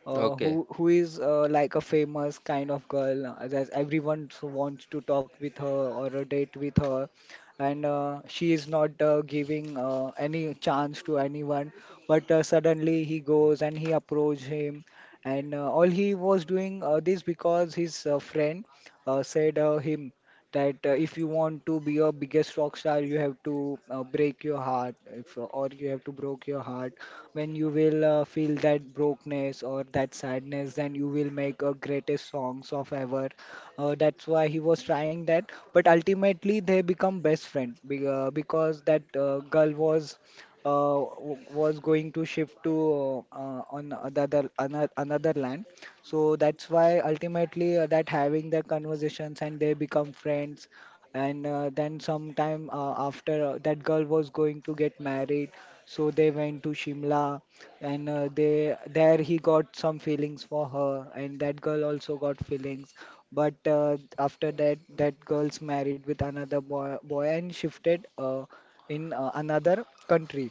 Speaker 1: uh, who
Speaker 2: Okay,
Speaker 1: who is like a famous kind of girl that everyone so wants to talk with her or a date with her, and she is not giving any chance to anyone. But suddenly he goes and he approaches him and all he was doing this because his friend said him that if you want to be your biggest rock star, you have to break your heart, if, or you have to broke your heart. When you will feel that brokenness or that sadness, then you will make greatest songs of ever. That's why he was trying that. But ultimately, they become best friends because that girl was was going to shift to on another another land. So that's why ultimately that having the conversations and they become friends. And then sometime after that girl was going to get married, so they went to Shimla and they there he got some feelings for her and that girl also got feelings but after that that girl's married with another boy and shifted in another country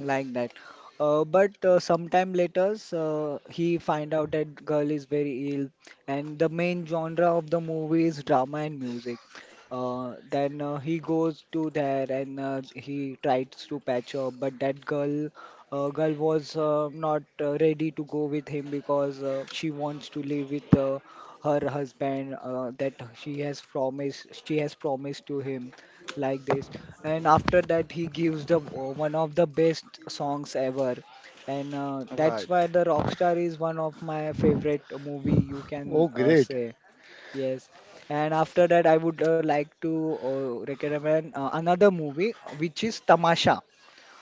Speaker 1: like that. But Sometime later, he find out that girl is very ill, and the main genre of the movie is drama and music. Then he goes to there and he tries to patch up, but that girl, girl was not ready to go with him because she wants to live with her husband that she has promised to him like this, and after that he gives the one of the best songs ever, and that's
Speaker 3: Right.
Speaker 1: why the rockstar is one of my favorite movie you can
Speaker 3: Oh, great.
Speaker 1: say. Yes. And after that I would like to recommend another movie which is tamasha.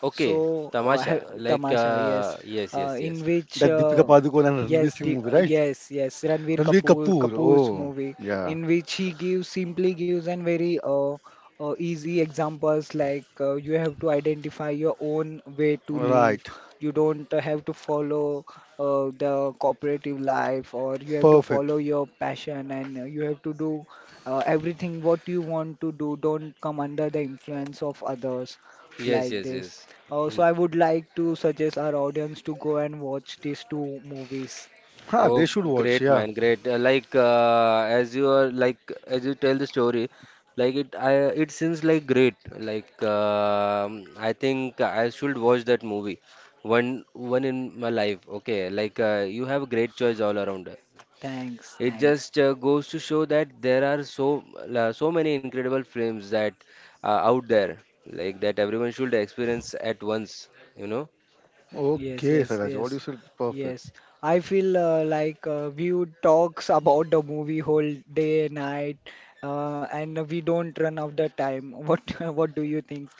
Speaker 2: okay.
Speaker 1: So,
Speaker 2: Tamasha,
Speaker 1: Tamasha, yes,
Speaker 2: yes, yes,
Speaker 1: in
Speaker 2: yes,
Speaker 1: which,
Speaker 3: That Deepika Padukone and Ranveer
Speaker 1: yes,
Speaker 3: Singh
Speaker 1: the,
Speaker 3: movie, right?
Speaker 1: yes, yes, Ranveer
Speaker 3: Ranveer
Speaker 1: Kapoor
Speaker 3: Kapoor.
Speaker 1: Kapoor's
Speaker 3: Oh,
Speaker 1: movie,
Speaker 3: yeah.
Speaker 1: in which he gives simply gives an very easy examples like you have to identify your own way to live.
Speaker 3: Right.
Speaker 1: You don't have to follow the cooperative life, or you have to follow
Speaker 3: Perfect.
Speaker 1: your passion, and you have to do everything what you want to do. Don't come under the influence of others
Speaker 2: yes,
Speaker 1: like
Speaker 2: yes,
Speaker 1: this.
Speaker 2: yes. Mm.
Speaker 1: So I would like to suggest our audience to go and watch these two movies.
Speaker 3: Ha,
Speaker 2: Oh,
Speaker 3: they should watch.
Speaker 2: great
Speaker 3: Yeah.
Speaker 2: man, great. As you tell the story, like it, I it seems like great. Like I think I should watch that movie one in my life. Okay, like you have great choice all around.
Speaker 1: Thanks,
Speaker 2: It
Speaker 1: thanks.
Speaker 2: just goes to show that there are so many incredible films that are out there, like that everyone should experience at once, you know.
Speaker 1: Yes,
Speaker 3: Okay,
Speaker 1: yes,
Speaker 3: Saraj, what you
Speaker 1: yes,
Speaker 3: said is perfect.
Speaker 1: yes. I feel like we would talks about the movie whole day, night, and we don't run out the time. What do you think?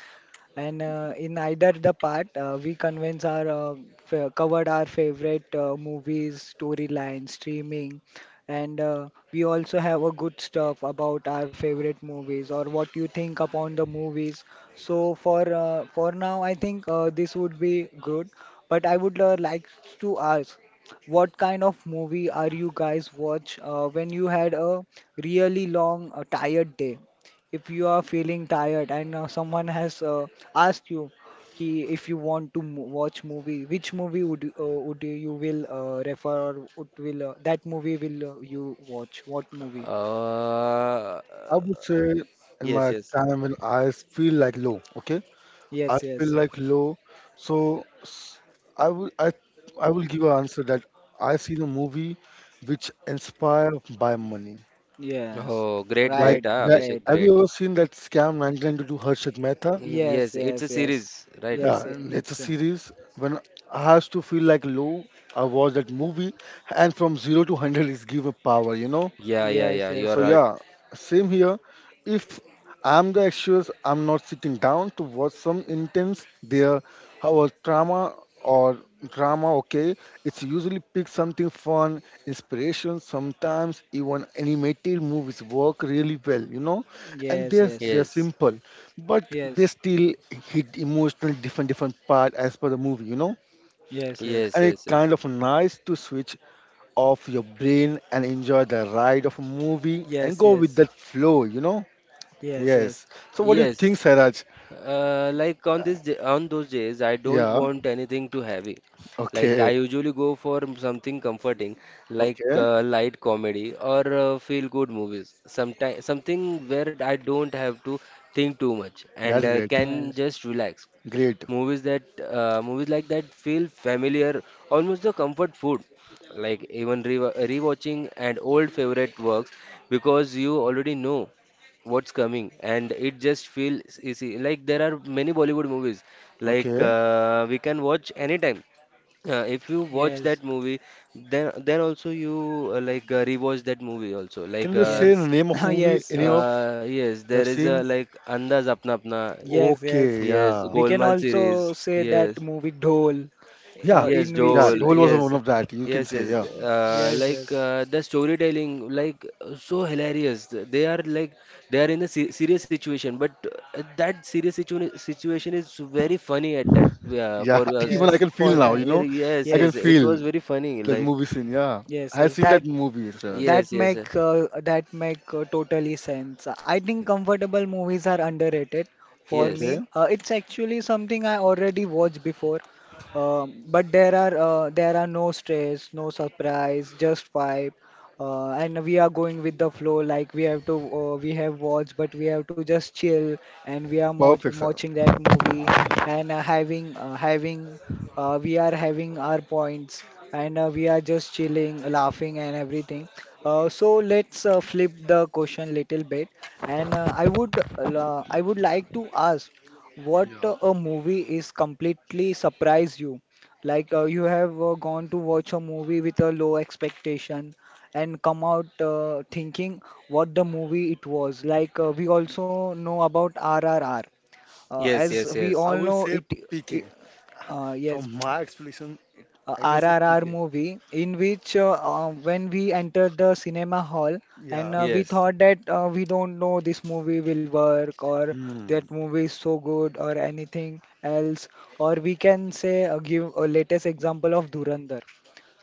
Speaker 1: And in either the part, we convince our f covered our favorite movies, storyline, streaming, and we also have a good stuff about our favorite movies or what you think upon the movies. So for now, I think this would be good. But I would like to ask, what kind of movie are you guys watch when you had a really long, tired day? If you are feeling tired and someone has asked you ki if you want to watch movie which movie would you will refer or would will that movie will you watch what movie
Speaker 2: Uh,
Speaker 3: I would say in
Speaker 2: Yes,
Speaker 3: my
Speaker 2: yes.
Speaker 3: time when I feel like low, okay? I
Speaker 1: Yes,
Speaker 3: feel
Speaker 1: yes,
Speaker 3: like low. So s- I will I will give an answer that I see the movie which inspired by money.
Speaker 1: yes.
Speaker 2: Oh, great,
Speaker 3: Like,
Speaker 2: great,
Speaker 1: Right,
Speaker 2: ah,
Speaker 3: yeah,
Speaker 2: Abhishek,
Speaker 1: great.
Speaker 3: have you
Speaker 2: great.
Speaker 3: ever seen that scam 1992 Harshit Mehta?
Speaker 2: Mm,
Speaker 1: Yes,
Speaker 2: yes, it's a
Speaker 1: yes, yes,
Speaker 2: series, right?
Speaker 3: Yeah,
Speaker 1: yes, I-
Speaker 3: and it's a
Speaker 1: it's
Speaker 3: series. When I has to feel like low, I watch that movie, and from zero to hundred is given power. You know.
Speaker 2: Yeah, yeah,
Speaker 1: yes,
Speaker 2: yeah. You're
Speaker 1: yes,
Speaker 3: So
Speaker 2: right.
Speaker 1: yes,
Speaker 3: yeah, same here. If I'm the actress, I'm not sitting down to watch some intense there our drama or drama, okay? It's usually pick something fun, inspiration, sometimes even animated movies work really well, you know? And
Speaker 1: yes,
Speaker 3: they're
Speaker 2: Yes,
Speaker 3: simple, but they
Speaker 1: yes,
Speaker 3: still hit emotional different part as per the movie, you know?
Speaker 1: yes, yes,
Speaker 2: yes,
Speaker 3: And it's
Speaker 2: yes, yes.
Speaker 3: kind of nice to switch off your brain and enjoy the ride of a movie and
Speaker 1: yes,
Speaker 3: go with
Speaker 1: yes,
Speaker 3: that flow, you know?
Speaker 1: yes, yes,
Speaker 3: Yes. So what do you
Speaker 2: Yes.
Speaker 3: think, Sairaj?
Speaker 2: Like on this day, on those days, I don't
Speaker 3: Yeah.
Speaker 2: want anything too heavy. Like I
Speaker 3: Okay.
Speaker 2: usually go for something comforting, like
Speaker 3: Okay.
Speaker 2: light comedy or feel good movies. Sometimes something where I don't have to think too much and
Speaker 3: That's great.
Speaker 2: can
Speaker 1: yes, yes,
Speaker 2: just relax.
Speaker 3: Great.
Speaker 2: Movies like that feel familiar, almost the comfort food. Like even re rewatching and old favorite works because you already know what's coming and it just feels easy. Like there are many Bollywood movies like
Speaker 3: Okay.
Speaker 2: we can watch anytime. If you watch
Speaker 1: yes,
Speaker 2: that movie, then also you rewatch that movie also.
Speaker 3: Can you just say the
Speaker 1: yes,
Speaker 3: name of movie
Speaker 1: yes,
Speaker 3: any
Speaker 1: yes.
Speaker 3: of
Speaker 2: Yes,
Speaker 3: you have
Speaker 2: there is a
Speaker 3: seen?
Speaker 2: like Andaz Apna Apna.
Speaker 1: Yes, yes.
Speaker 3: Okay.
Speaker 2: Yes,
Speaker 3: Yeah.
Speaker 1: We can
Speaker 2: Golmaal series.
Speaker 1: also say that
Speaker 2: Yes.
Speaker 1: movie Dhol,
Speaker 3: Yeah.
Speaker 1: uh,
Speaker 2: Yes,
Speaker 1: in
Speaker 3: Yeah.
Speaker 1: which
Speaker 2: Joel.
Speaker 3: Dole
Speaker 1: the,
Speaker 3: was one
Speaker 2: Yes,
Speaker 3: of that. You can
Speaker 2: yes,
Speaker 3: say.
Speaker 2: yes.
Speaker 3: Yeah.
Speaker 1: yes, yes,
Speaker 2: The storytelling, like so hilarious. They are like they are in a se serious situation, but that serious situation is very funny at that
Speaker 3: Yeah.
Speaker 2: for us.
Speaker 3: Even I
Speaker 1: yes,
Speaker 3: can feel
Speaker 1: for
Speaker 3: now.
Speaker 2: Yeah,
Speaker 1: that,
Speaker 3: You know,
Speaker 2: yeah, yes,
Speaker 3: I can
Speaker 2: yes. It
Speaker 1: yes,
Speaker 3: feel
Speaker 2: was very funny.
Speaker 3: that
Speaker 2: Like
Speaker 3: movie scene. Yeah.
Speaker 1: yes,
Speaker 3: I have
Speaker 1: yes.
Speaker 3: seen that
Speaker 1: That
Speaker 3: movie, Sairaj.
Speaker 2: yes, yes,
Speaker 1: that make totally sense. I think comfortable movies are underrated for
Speaker 2: yes,
Speaker 3: Okay.
Speaker 1: me. It's actually something I already watched before, but there are no stress, no surprise, just vibe. And we are going with the flow. Like we have to we have watched, but we have to just chill and we are
Speaker 3: Perfect, sir.
Speaker 1: watching that movie and having having we are having our points, and we are just chilling, laughing and everything. So let's flip the question little bit, and I would like to ask what
Speaker 3: Yeah.
Speaker 1: a movie is completely surprise you, like you have gone to watch a movie with a low expectation and come out thinking what the movie it was. Like we also know about RRR.
Speaker 2: yes,
Speaker 1: As
Speaker 2: yes,
Speaker 1: we
Speaker 2: yes,
Speaker 3: I
Speaker 1: all
Speaker 3: will
Speaker 1: know,
Speaker 3: say
Speaker 1: it
Speaker 3: PK. From
Speaker 1: yes
Speaker 3: my explanation, I can
Speaker 1: R
Speaker 3: say
Speaker 1: R R
Speaker 3: PK.
Speaker 1: movie in which when we entered the cinema hall
Speaker 3: Yeah.
Speaker 1: and we
Speaker 2: yes.
Speaker 1: thought that we don't know this movie will work, or
Speaker 3: Hmm.
Speaker 1: that movie is so good or anything else. Or we can say, give a latest example of Durandar.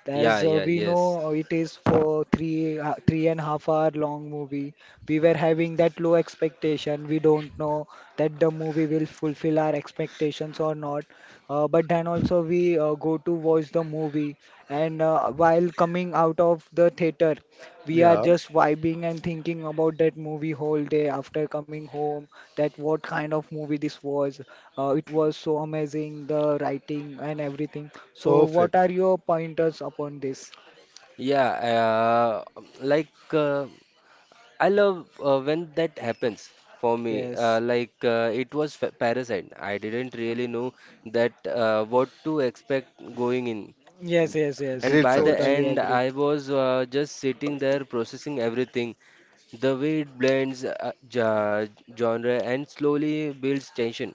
Speaker 1: As
Speaker 2: Yeah, yeah,
Speaker 1: we
Speaker 2: yes.
Speaker 1: know, it is for 3.5 hour long movie. We were having that low expectation. We don't know that the movie will fulfill our expectations or not. But then also we go to watch the movie, and while coming out of the theater, we are
Speaker 3: Yeah.
Speaker 1: just vibing and thinking about that movie whole day after coming home. That what kind of movie this was. It was so amazing, the writing and everything. So, what
Speaker 3: Perfect.
Speaker 1: are your pointers upon this?
Speaker 2: Yeah, uh, I love when that happens for me.
Speaker 1: Yes,
Speaker 2: Parasite. I didn't really know that what to expect going in.
Speaker 1: yes, yes, yes.
Speaker 2: And
Speaker 3: Great,
Speaker 2: by the
Speaker 3: Sairaj.
Speaker 1: Totally
Speaker 2: end,
Speaker 1: agreed.
Speaker 2: I was just sitting there processing everything. The way it blends genre and slowly builds tension.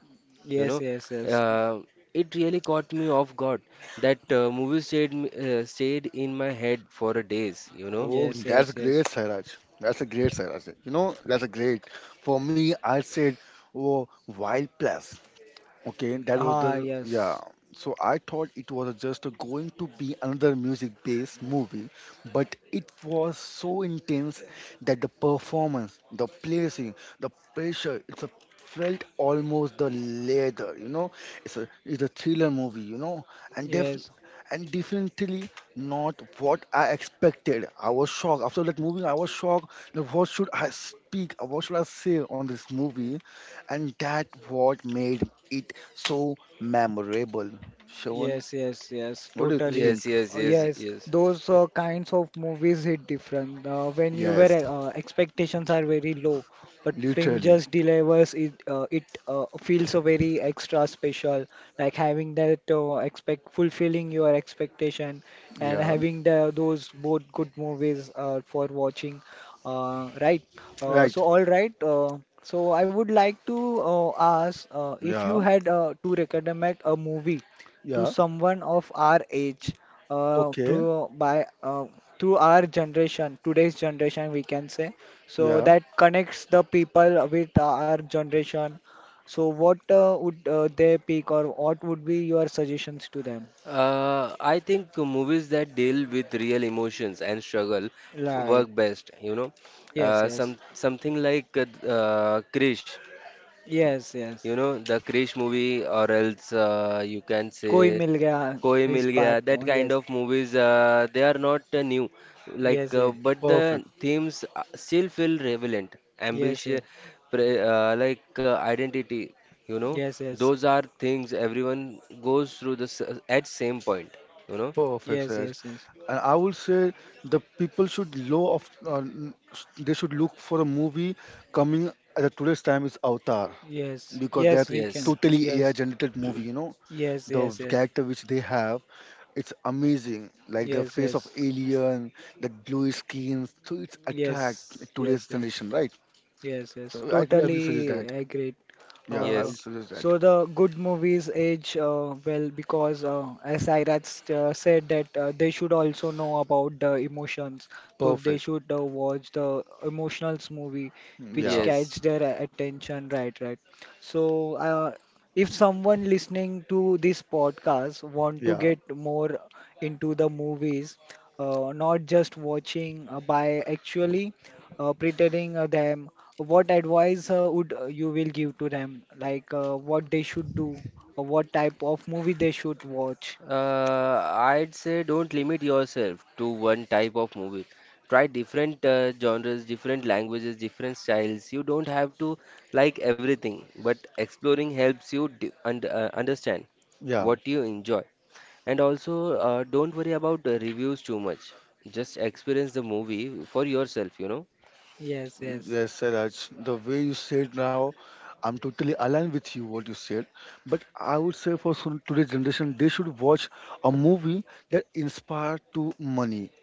Speaker 2: You
Speaker 1: Yes,
Speaker 2: know,
Speaker 1: yes, yes,
Speaker 2: uh, it really caught me off guard. That stayed in my head for a days. You know.
Speaker 3: Oh,
Speaker 1: yes,
Speaker 3: that's
Speaker 1: yes,
Speaker 3: great,
Speaker 1: yes.
Speaker 3: Sairaj. That's a great, Sairaj. You know, that's a great. For me, I said, oh, wild plus. Okay, that was the
Speaker 1: Ah,
Speaker 3: yeah.
Speaker 1: yes,
Speaker 3: So I thought it was just going to be another music-based movie, but it was so intense that the performance, the placing, the pressure, it's a felt almost the leather, you know. It's a thriller movie, you know, and def
Speaker 1: yes.
Speaker 3: and definitely not what I expected. I was shocked after that movie. I was shocked. Now, what should I speak? What should I say on this movie? And that what made it so memorable. Shawan,
Speaker 1: Yes, yes, yes,
Speaker 3: what do you
Speaker 1: totally.
Speaker 3: think?
Speaker 2: Yes, yes, yes,
Speaker 1: Yes,
Speaker 2: yes.
Speaker 1: those kinds of movies hit different. When you were
Speaker 3: Yes,
Speaker 1: expectations are very low, but film
Speaker 3: literally.
Speaker 1: just delivers it. It feels a very extra special, like having that expect fulfilling your expectation and
Speaker 3: Yeah,
Speaker 1: having the those both good movies for watching. Right. Uh,
Speaker 3: right.
Speaker 1: so all right. Uh, So I would like to ask if you
Speaker 3: Yeah,
Speaker 1: had to recommend a movie to
Speaker 3: yeah.
Speaker 1: someone of our age uh,
Speaker 3: Okay.
Speaker 1: through by uh, through our generation, today's generation we can say, so
Speaker 3: Yeah,
Speaker 1: that connects the people with our generation. So what would they pick, or what would be your suggestions to them?
Speaker 2: I think movies that deal with real emotions and struggle
Speaker 1: Right.
Speaker 2: work best, you know.
Speaker 1: Yes, yes,
Speaker 2: Some something like Krish,
Speaker 1: yes, yes.
Speaker 2: you know, the Krish movie, or else you can
Speaker 1: Koi
Speaker 2: say
Speaker 1: Mil Gaya,
Speaker 2: Koi
Speaker 1: his
Speaker 2: Mil
Speaker 1: part.
Speaker 2: Gaya, that
Speaker 1: Oh,
Speaker 2: kind
Speaker 1: yes,
Speaker 2: of movies, they are not new. Like,
Speaker 1: yes,
Speaker 2: but the
Speaker 3: perfect.
Speaker 2: themes still feel relevant,
Speaker 1: yes, yes,
Speaker 2: ambition, pre like identity. You know,
Speaker 1: yes, yes,
Speaker 2: those are things everyone goes through at same point. You know,
Speaker 3: Perfect,
Speaker 1: yes,
Speaker 3: Siraj.
Speaker 1: yes, yes, yes,
Speaker 3: And I would say the people should know of they should look for a movie coming at the today's time is Avatar
Speaker 1: yes,
Speaker 3: because
Speaker 1: yes.
Speaker 3: they are
Speaker 1: We can,
Speaker 2: yes,
Speaker 3: totally
Speaker 1: yes,
Speaker 3: AI generated movie, you know,
Speaker 1: yes,
Speaker 3: the
Speaker 1: yes, yes,
Speaker 3: character which they have. It's amazing, like the
Speaker 1: yes,
Speaker 3: face
Speaker 1: yes.
Speaker 3: of alien, the glowy skin. So it's
Speaker 1: Yes,
Speaker 3: attract
Speaker 1: yes,
Speaker 3: today's
Speaker 1: yeah.
Speaker 3: generation, right?
Speaker 1: Yes, yes.
Speaker 3: So I will suggest
Speaker 1: Totally
Speaker 3: that.
Speaker 1: agreed.
Speaker 3: Yeah,
Speaker 1: Uh,
Speaker 3: I will
Speaker 2: yes,
Speaker 3: suggest
Speaker 1: so
Speaker 3: that.
Speaker 1: the good movies age well, because as Sairaj said that they should also know about the emotions. So they
Speaker 3: Perfect.
Speaker 1: should watch the emotional movie which
Speaker 3: Yeah,
Speaker 2: yes.
Speaker 1: catch their attention. Right, right. So, if someone listening to this podcast want to
Speaker 3: yeah,
Speaker 1: get more into the movies, not just watching by actually pretending them, what advice would you will give to them? Like what they should do, or what type of movie they should watch?
Speaker 2: I'd say don't limit yourself to one type of movie. Try different genres, different languages, different styles. You don't have to like everything, but exploring helps you d und understand
Speaker 3: yeah.
Speaker 2: what you enjoy. And also, don't worry about the reviews too much. Just experience the movie for yourself, you know?
Speaker 1: Yes, yes,
Speaker 3: Yes, Siraj, the way you said now, I'm totally aligned with you what you said. But I would say for today's generation, they should watch a movie that inspire to money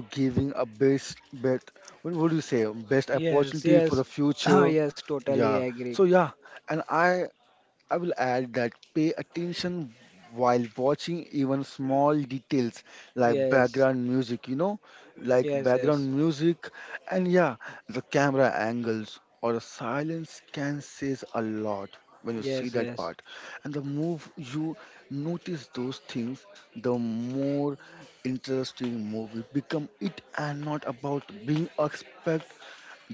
Speaker 3: to giving a best bet what would you say best
Speaker 1: yes,
Speaker 3: opportunity for
Speaker 1: yes,
Speaker 3: the future
Speaker 1: yes. Totally
Speaker 3: yeah
Speaker 1: agree.
Speaker 3: so yeah and I will add that pay attention while watching even small details like
Speaker 1: Yes,
Speaker 3: background music, you know, like
Speaker 1: yes, yes,
Speaker 3: background music, and yeah, the camera angles or the silence can says a lot when you
Speaker 1: yes,
Speaker 3: see that
Speaker 1: yes.
Speaker 3: part. And the more you notice those things, the more interesting movie become it and not about being expert,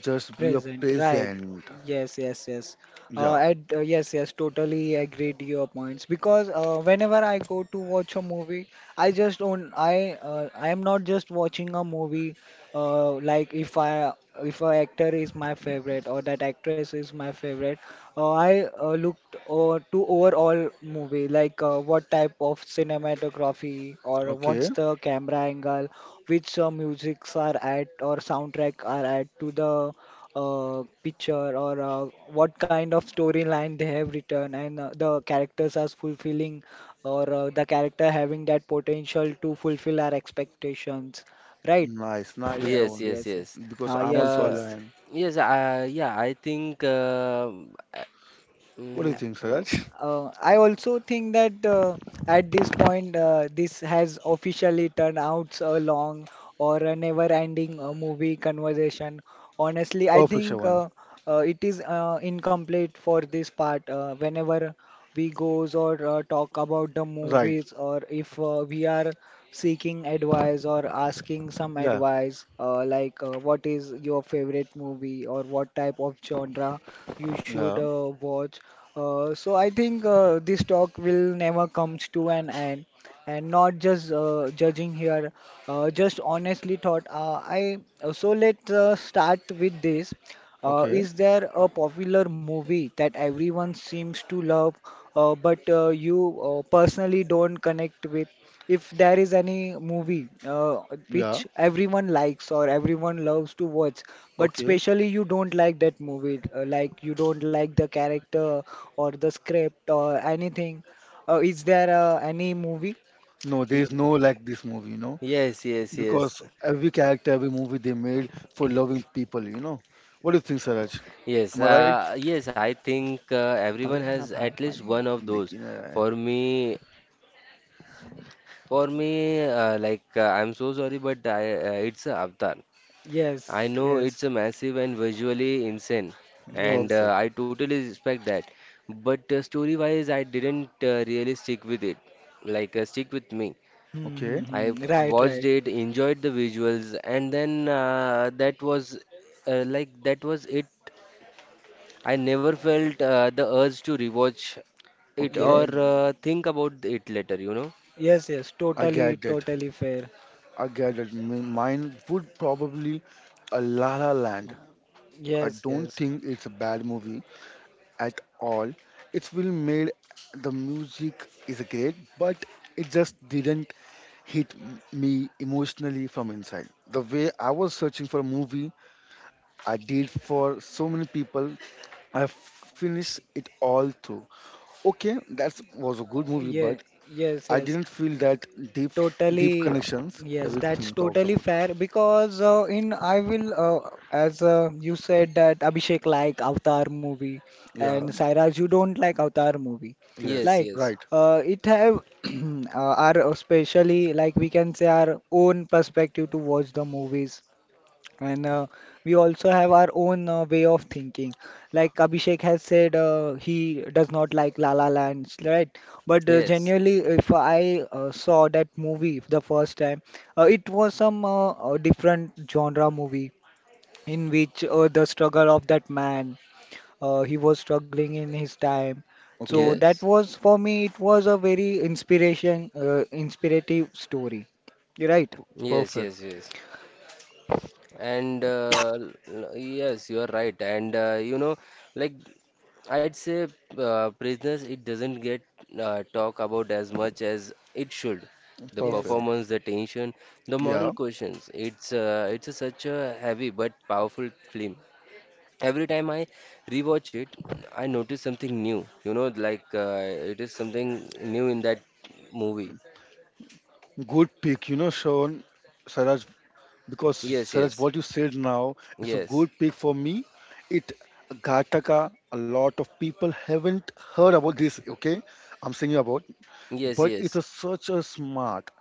Speaker 3: just be a
Speaker 1: Present, right.
Speaker 3: present.
Speaker 1: Yes, yes, yes.
Speaker 3: Yeah,
Speaker 1: Yes, yes, totally agree to your points, because whenever I go to watch a movie, I am not just watching a movie, uh, like if I, if a actor is my favorite or that actress is my favorite, I looked to overall movie like what type of cinematography, or what's
Speaker 3: okay.
Speaker 1: the camera angle, which musics are at or soundtrack are at to the picture, or what kind of storyline they have written, and the characters are fulfilling, or the character having that potential to fulfill our expectations, right?
Speaker 3: Nice, nice,
Speaker 1: Yes,
Speaker 2: Yes,
Speaker 3: Shravan.
Speaker 2: yes,
Speaker 1: yes.
Speaker 2: yes.
Speaker 3: Because I'm
Speaker 1: Yes,
Speaker 3: also a
Speaker 2: Uh,
Speaker 1: yes.
Speaker 3: lion.
Speaker 2: yes, yeah, I think. Uh,
Speaker 3: What do
Speaker 2: mm,
Speaker 3: you think,
Speaker 2: uh,
Speaker 3: Siraj?
Speaker 1: I also think that at this point, this has officially turned out a long or a never-ending movie conversation. Honestly, I
Speaker 3: Perfect,
Speaker 1: think
Speaker 3: Shravan.
Speaker 1: it is incomplete for this part. Whenever we goes or talk about the
Speaker 3: Right.
Speaker 1: movies, or if we are seeking advice or asking some
Speaker 3: Yeah.
Speaker 1: advice, like what is your favorite movie, or what type of genre you should
Speaker 3: Yeah.
Speaker 1: watch. So I think this talk will never comes to an end, and not just judging here, just honestly thought I so let's start with this.
Speaker 3: Okay.
Speaker 1: Is there a popular movie that everyone seems to love, but you personally don't connect with? If there is any movie which
Speaker 3: Yeah.
Speaker 1: everyone likes or everyone loves to watch, but
Speaker 3: Okay.
Speaker 1: especially you don't like that movie, like you don't like the character, or the script, or anything, is there any movie?
Speaker 3: No,
Speaker 2: y-
Speaker 3: there is no like this movie, you know,
Speaker 2: yes, yes, yes.
Speaker 3: because every character, every movie they made for loving people, you know. What do you think, Siraj?
Speaker 2: Yes,
Speaker 3: Am I right?
Speaker 2: yes, I think everyone
Speaker 1: Padma
Speaker 2: has
Speaker 1: Bhai,
Speaker 2: at least one
Speaker 1: Padma.
Speaker 2: of those.
Speaker 3: लेकिन,
Speaker 2: For me, for me, I'm so sorry, but it's a Avatar. I
Speaker 1: Yes,
Speaker 2: know it's
Speaker 1: yes,
Speaker 2: a massive and visually insane, and
Speaker 1: yes.
Speaker 3: Perfect.
Speaker 2: I totally respect that. But story-wise, I didn't really stick with it. Like stick with me.
Speaker 1: Hmm, hmm,
Speaker 3: Okay.
Speaker 2: I
Speaker 1: hmm. Right,
Speaker 2: watched
Speaker 1: right.
Speaker 2: it, enjoyed the visuals, and then that was that was it. I never felt the urge to rewatch it or
Speaker 3: Okay.
Speaker 1: Yeah.
Speaker 2: think about it later, you know?
Speaker 1: Yes, yes.
Speaker 3: I
Speaker 1: Totally,
Speaker 3: get that.
Speaker 1: totally fair.
Speaker 3: I get that. Mine would probably a La La Land. I
Speaker 1: Yes,
Speaker 3: don't
Speaker 1: yes.
Speaker 3: think it's a bad movie at all. It's well made, the music is great, but it just didn't hit me emotionally from inside. The way I was searching for a movie, I did for so many people, I finished it all through. Okay, that was a good movie,
Speaker 1: Yeah,
Speaker 3: but
Speaker 1: yes,
Speaker 3: I
Speaker 1: yes.
Speaker 3: didn't feel that deep, deep
Speaker 1: Totally,
Speaker 3: connections
Speaker 1: yes, that's
Speaker 3: everything talks
Speaker 1: totally
Speaker 3: about.
Speaker 1: fair, because in I will as you said that Abhishek like Avatar movie, and
Speaker 3: Yeah,
Speaker 1: Sairaj, you don't like Avatar movie.
Speaker 3: yes,
Speaker 2: Yes,
Speaker 1: Like
Speaker 2: yes,
Speaker 3: right.
Speaker 1: it have our especially, like we can say our own perspective to watch the movies, and we also have our own way of thinking. Like Abhishek has said, he does not like La La Land, right? But
Speaker 2: yes,
Speaker 1: genuinely, if I saw that movie the first time, it was some different genre movie in which the struggle of that man, he was struggling in his time. So
Speaker 3: Okay,
Speaker 1: that
Speaker 2: yes,
Speaker 1: was for me, it was a very inspiration, inspirative story, right?
Speaker 3: P-
Speaker 2: yes,
Speaker 3: perfect,
Speaker 2: yes, yes. And yes, you are right. And you know, like, I'd say, prisoners, it doesn't get talk about as much as it should. The
Speaker 1: Yes,
Speaker 3: perfect.
Speaker 2: performance, the tension, the moral
Speaker 3: Yeah,
Speaker 2: questions. It's a, such a heavy but powerful film every time I rewatch it, I notice something new. You know, like it is something new in that movie.
Speaker 3: good pick, you know, Sean. Sarah because
Speaker 2: Yes,
Speaker 3: Saraj,
Speaker 2: yes,
Speaker 3: what you said now, it's a
Speaker 2: yes,
Speaker 3: good pick for me. It Ghataka, a lot of people haven't heard about this, okay? I'm saying you about,
Speaker 2: yes,
Speaker 3: but it's
Speaker 2: yes,
Speaker 3: a, such a smart,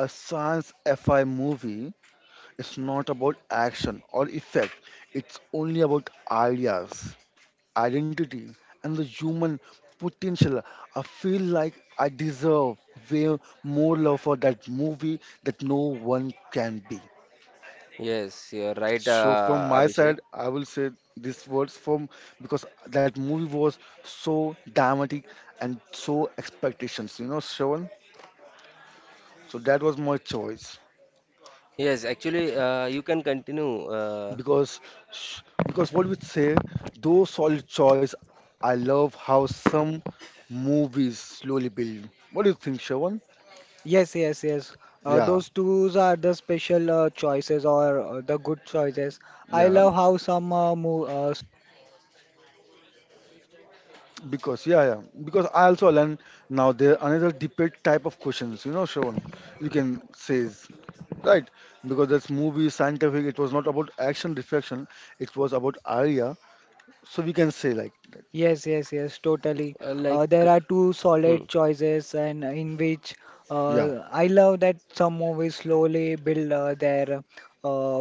Speaker 3: a science fi movie. It's not about action or effect. It's only about ideas, identity, and the human potential. I feel like I deserve way more love for that movie that no one can be.
Speaker 2: yes. You're right,
Speaker 3: So from my
Speaker 2: Abhishek.
Speaker 3: side, I will say these words from because that movie was so dramatic and so expectations, you know, Shravan. So that was my choice
Speaker 2: Yes, actually, you can continue.
Speaker 3: because sh- because what we say, though solid choice. I love how some movies slowly build. What do you think, Shravan?
Speaker 1: yes, yes, yes.
Speaker 3: Yeah,
Speaker 1: Those twos are the special choices, or the good choices. I
Speaker 3: yeah.
Speaker 1: love how some mo
Speaker 3: Because yeah, yeah. Because I also learn now there another debate type of questions. You know, Shravan, you can say. Right, because this movie is scientific, it was not about action reflection, it was about idea. So we can say like that.
Speaker 1: yes, yes, yes, totally.
Speaker 2: Uh, like,
Speaker 1: There are two
Speaker 2: hmm,
Speaker 1: solid choices, and in which
Speaker 3: Yeah.
Speaker 1: I love that some movies slowly build their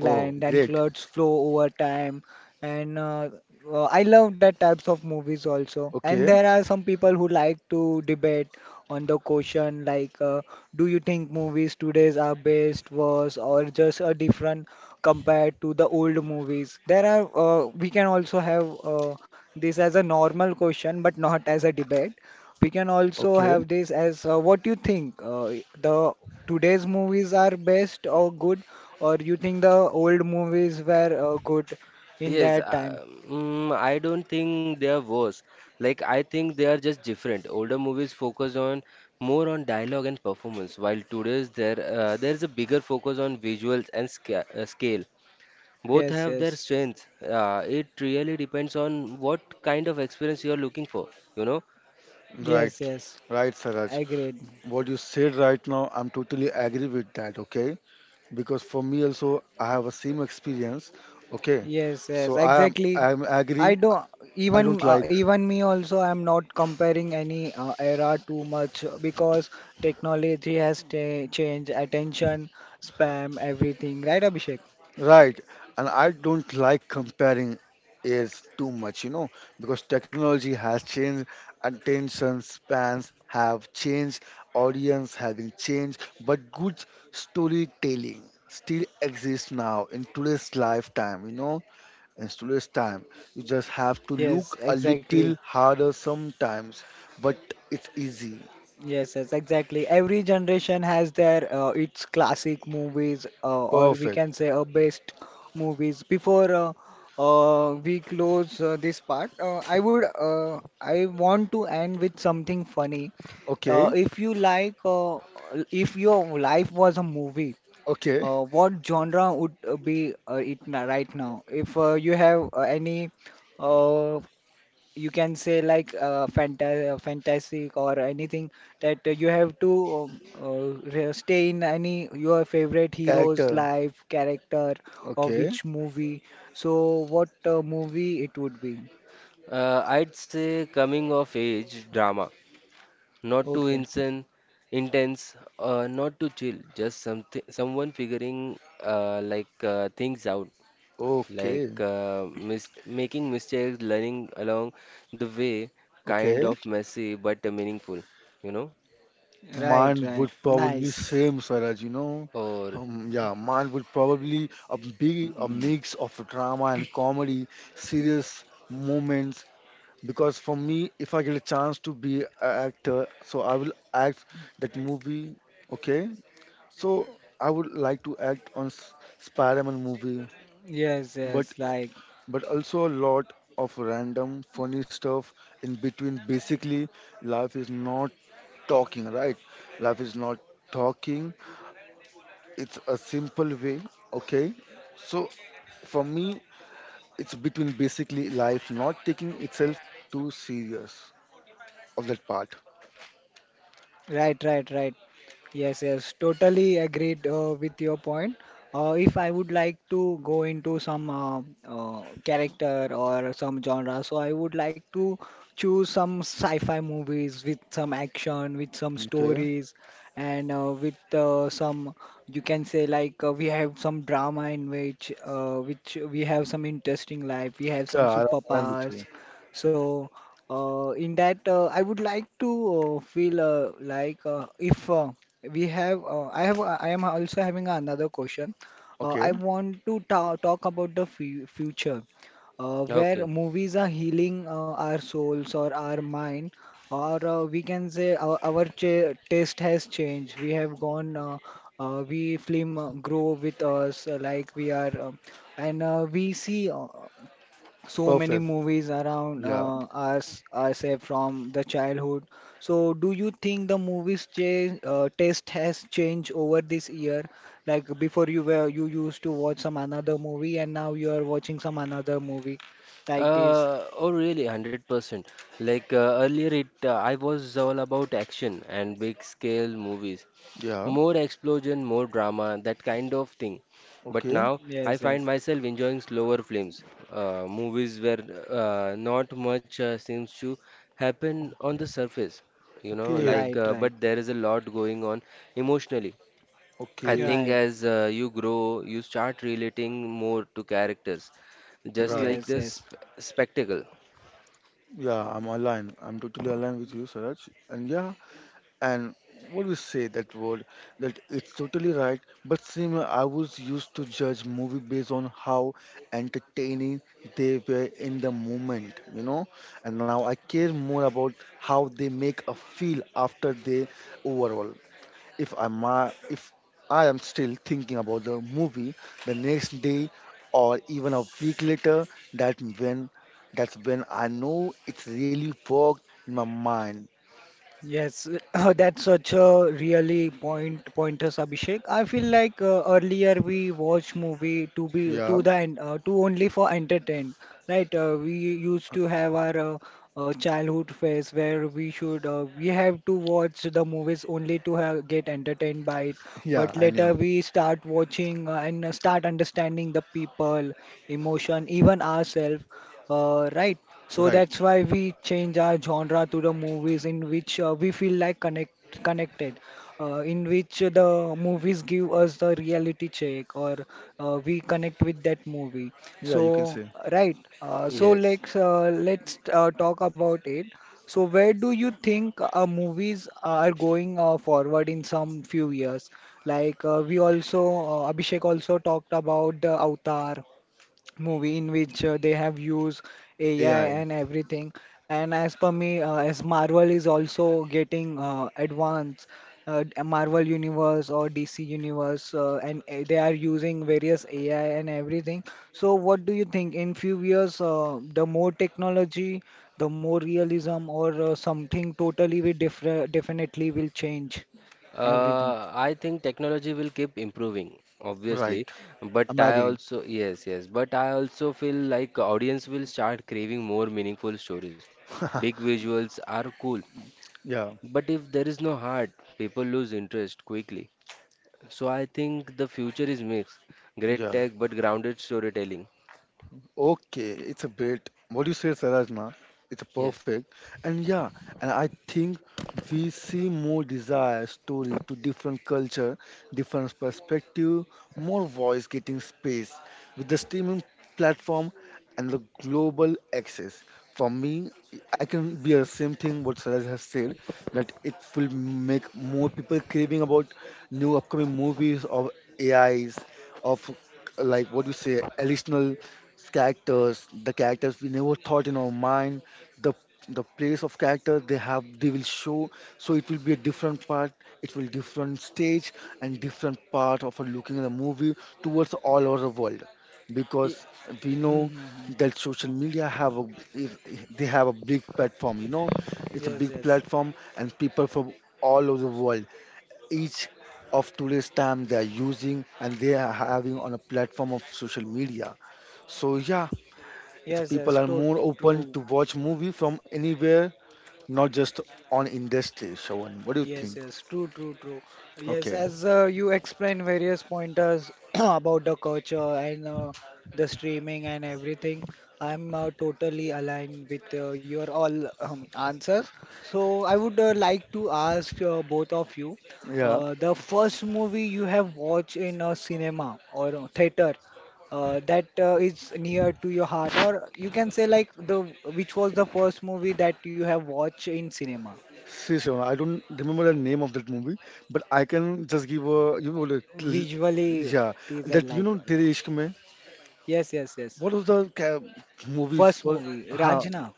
Speaker 3: Oh,
Speaker 1: and
Speaker 3: great.
Speaker 1: plots flow over time. And I love that types of movies also. And
Speaker 3: Okay.
Speaker 1: there are some people who like to debate on the question like, do you think movies today's are best, worse, or just a different compared to the old movies? There are we can also have. This as a normal question, but not as a debate. We can also
Speaker 3: Okay.
Speaker 1: have this as what you think the today's movies are best or good, or you think the old movies were good in
Speaker 2: Yes,
Speaker 1: that time?
Speaker 2: I don't think they are worse. Like I think they are just different. Older movies focus on more on dialogue and performance, while today's there there is a bigger focus on visuals and scale. Both
Speaker 1: Yes,
Speaker 2: have their
Speaker 1: yes,
Speaker 2: strengths. It really depends on what kind of experience you are looking for. You know,
Speaker 3: Right.
Speaker 1: yes, yes.
Speaker 3: Right, Saraj.
Speaker 1: Agreed.
Speaker 3: What you said right now, I'm totally agree with that. Okay. Because for me also, I have a same experience. Okay.
Speaker 1: Yes, yes,
Speaker 3: So I am
Speaker 1: exactly.
Speaker 3: I am agree.
Speaker 1: I don't
Speaker 3: I don't
Speaker 1: even
Speaker 3: like.
Speaker 1: even me also I'm not comparing any era too much, because technology has ta changed attention, spam, everything, right, Abhishek?
Speaker 3: Right, and I don't like comparing is too much, you know, because technology has changed, attention spans have changed, audience having changed, but good storytelling still exists now in today's lifetime, you know, in today's time. You just have to
Speaker 1: Yes,
Speaker 3: look a
Speaker 1: exactly.
Speaker 3: little harder sometimes, but it's easy.
Speaker 1: Yes, yes, exactly. Every generation has their its classic movies, or we
Speaker 3: Perfect.
Speaker 1: can say best movies. Before we close this part, I want to end with something funny. Uh,
Speaker 3: Okay,
Speaker 1: if you like, uh, if your life was a movie,
Speaker 3: okay,
Speaker 1: what genre would be it right now? If you have any uh, you can say like fantastic or anything, that you have to stay in any your favorite hero's
Speaker 3: character.
Speaker 1: life character, or
Speaker 3: Okay,
Speaker 1: which movie, so what movie it would be?
Speaker 2: I'd say coming of age drama, not too
Speaker 1: Okay.
Speaker 2: insane, intense, not too chill, just something someone figuring things out,
Speaker 3: okay,
Speaker 2: like mis making mistakes, learning along the way, kind
Speaker 3: okay.
Speaker 2: of messy but meaningful, you know?
Speaker 1: Right,
Speaker 3: Mine would
Speaker 1: right,
Speaker 3: probably
Speaker 1: nice.
Speaker 3: same, Swaraj, you know.
Speaker 2: Or
Speaker 3: Yeah, mine would probably a be a
Speaker 1: Mm,
Speaker 3: mix of drama and comedy, serious moments. Because for me, if I get a chance to be an actor, so I will act that movie. Okay, so I would like to act on Spider-Man movie,
Speaker 1: yes,
Speaker 3: but
Speaker 1: yes, like.
Speaker 3: but also a lot of random funny stuff in between. Basically, life is not talking, right? Life is not talking, it's a simple way, okay? So for me, it's between basically life not taking itself too serious of that part,
Speaker 1: Right, right, right. Yes, yes, totally agreed with your point. If I would like to go into some character or some genre, so I would like to choose some sci-fi movies with some action, with some
Speaker 3: okay?
Speaker 1: stories, and with some, you can say like we have some drama in which we have some interesting life, we have some
Speaker 3: Yeah, I'll align with
Speaker 1: superpowers.
Speaker 3: you.
Speaker 1: So in that, I would like to feel like if we have, I am also having another question. I
Speaker 3: Okay,
Speaker 1: want to ta talk about the fu future, where
Speaker 2: Okay,
Speaker 1: movies are healing our souls or our mind, or we can say our ch taste has changed. We have gone, we film grow with us, like we are, and we see. So many
Speaker 3: perfect.
Speaker 1: movies around
Speaker 3: Yeah,
Speaker 1: us ourselves from the childhood. So do you think the movies change taste has changed over this year? Like before you were you used to watch some another movie, and now you are watching some another movie like this.
Speaker 2: oh really, 100%. Like earlier, it I was all about action and big scale movies.
Speaker 3: yeah,
Speaker 2: More explosion, more drama, that kind of thing. But
Speaker 3: okay,
Speaker 2: now I
Speaker 1: Yes,
Speaker 2: find
Speaker 1: yes.
Speaker 2: myself enjoying slower films, movies where not much seems to happen on the surface, you know,
Speaker 3: okay,
Speaker 2: like,
Speaker 1: Right, right.
Speaker 2: but there is a lot going on emotionally. I
Speaker 3: okay,
Speaker 2: think
Speaker 1: Right.
Speaker 2: as you grow, you start relating more to characters, just
Speaker 3: right.
Speaker 1: Yes,
Speaker 2: like
Speaker 1: yes.
Speaker 2: this spectacle.
Speaker 3: Yeah, I'm aligned. I'm totally aligned with you, Saraj. And yeah, and what we say that word that it's totally right, but same I was used to judge movie based on how entertaining they were in the moment, you know. And now I care more about how they make a feel after they overall. If I am still thinking about the movie the next day or even a week later, that when that's when I know it's really worked in my mind.
Speaker 1: Yes, that's such a really point pointers, Abhishek. I feel like earlier we watch movie to be to
Speaker 3: Yeah,
Speaker 1: the to only for entertain, right? We used to have our childhood phase where we should we have to watch the movies only to have, get entertained by it. But
Speaker 3: yeah, I
Speaker 1: later
Speaker 3: knew.
Speaker 1: we start watching and start understanding the people, emotion, even ourselves, right? So
Speaker 3: Right.
Speaker 1: that's why we change our genre to the movies in which we feel like connected, in which the movies give us the reality check or we connect with that movie.
Speaker 3: Yeah, you can
Speaker 1: So
Speaker 3: say
Speaker 1: right, so
Speaker 2: Yes.
Speaker 1: let's talk about it. So where do you think movies are going forward in some few years? Like we also Abhishek also talked about the Avatar movie in which they have used AI
Speaker 3: AI.
Speaker 1: and everything. And as per me, as Marvel is also getting advanced, Marvel Universe or DC Universe, and they are using various AI and everything. So, what do you think? In few years, the more technology, the more realism, or something totally we differ definitely will change everything.
Speaker 2: I think technology will keep improving, obviously,
Speaker 3: Right.
Speaker 2: but
Speaker 3: I'm
Speaker 2: I
Speaker 3: agree.
Speaker 2: also yes, yes, but I also feel like audience will start craving more meaningful stories. Big visuals are cool,
Speaker 3: Yeah,
Speaker 2: but if there is no heart, people lose interest quickly. So I think the future is mixed, great
Speaker 3: yeah.
Speaker 2: tech but grounded storytelling.
Speaker 3: Okay, it's a bit. What you said, Sarajna, it's
Speaker 2: Yes.
Speaker 3: perfect. And yeah, and I think we see more desire story to different culture, different perspective, more voice getting space with the streaming platform and the global access. For me, I can be the same thing what Saraj has said that it will make more people craving about new upcoming movies of AIs of, like, what do you say, additional characters, the characters we never thought in our mind, the the place of character they will show. So it will be a different part, it will different stage and different part of a looking at the movie towards all over the world.
Speaker 1: Ye-
Speaker 3: Because we
Speaker 1: Hmm,
Speaker 3: know
Speaker 1: hmm, hmm.
Speaker 3: that social media have a is they have a big platform, you know, it's a
Speaker 1: Yes,
Speaker 3: big
Speaker 1: yes,
Speaker 3: platform and people from all over the world. Each of today's time they are using and they are having on a platform of social media. So yeah, it's
Speaker 1: yes, yes.
Speaker 3: people are
Speaker 1: To
Speaker 3: more open
Speaker 1: true.
Speaker 3: to watch movie from anywhere, not just on industry. Shravan, what do you
Speaker 1: Yes,
Speaker 3: think?
Speaker 1: yes, true, true, true. Yes,
Speaker 3: Okay,
Speaker 1: as you explain various pointers about the culture and the streaming and everything, I'm totally aligned with your all answers. So I would like to ask both of you,
Speaker 3: yeah.
Speaker 1: the first movie you have watched in a cinema or a theater that is near to your heart, or you can say like the which was the first movie that you have watched in cinema.
Speaker 3: See, Shravan, I don't remember the name of that movie, but I can just give a you know the l-
Speaker 1: Visually,
Speaker 3: yeah
Speaker 1: these are
Speaker 3: that you
Speaker 1: like
Speaker 3: know Tere Ishq Mein.
Speaker 1: yes, yes, yes,
Speaker 3: What was the ca- movies
Speaker 1: first
Speaker 3: for?
Speaker 1: movie
Speaker 3: Huh,
Speaker 1: Ranjana,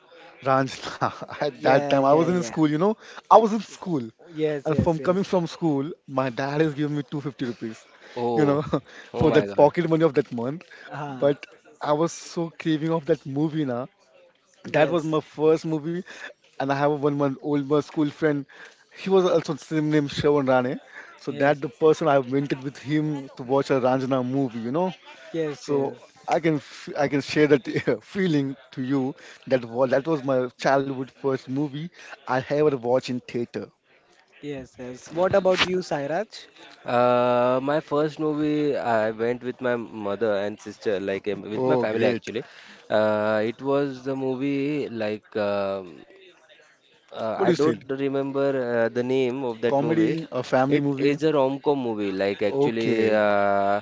Speaker 3: Ranjana. At that
Speaker 1: yeah,
Speaker 3: time, I
Speaker 1: yeah,
Speaker 3: was in
Speaker 1: yeah,
Speaker 3: school. You know, I was in school,
Speaker 1: yes,
Speaker 3: and
Speaker 1: yes,
Speaker 3: from coming
Speaker 1: yes,
Speaker 3: from school, my dad is giving me 250 rupees. You
Speaker 2: Oh,
Speaker 3: know,
Speaker 2: oh
Speaker 3: for
Speaker 2: my
Speaker 1: yes,
Speaker 3: that
Speaker 2: God.
Speaker 3: pocket money of that month.
Speaker 1: uh,
Speaker 3: But I was so craving of that movie now. That was
Speaker 1: yes,
Speaker 3: my first movie, and I have a 1-month old my school friend. He was also same name Shravan Rane. So
Speaker 1: yes,
Speaker 3: that the person I went with him to watch a Ranjana movie, you know.
Speaker 1: yes, yes,
Speaker 3: So I can share that feeling to you. That was my childhood first movie I ever watched in theater.
Speaker 1: yes, yes, what about you Sairaj?
Speaker 2: My first movie, I went with my mother and sister, like with my
Speaker 3: Oh,
Speaker 2: family
Speaker 3: great.
Speaker 2: actually. It was the movie like
Speaker 3: What do
Speaker 2: I
Speaker 3: you
Speaker 2: don't
Speaker 3: said?
Speaker 2: remember the name of that movie.
Speaker 3: Comedy, a family
Speaker 2: It
Speaker 3: movie?
Speaker 2: is a rom-com movie, like actually,
Speaker 3: Okay.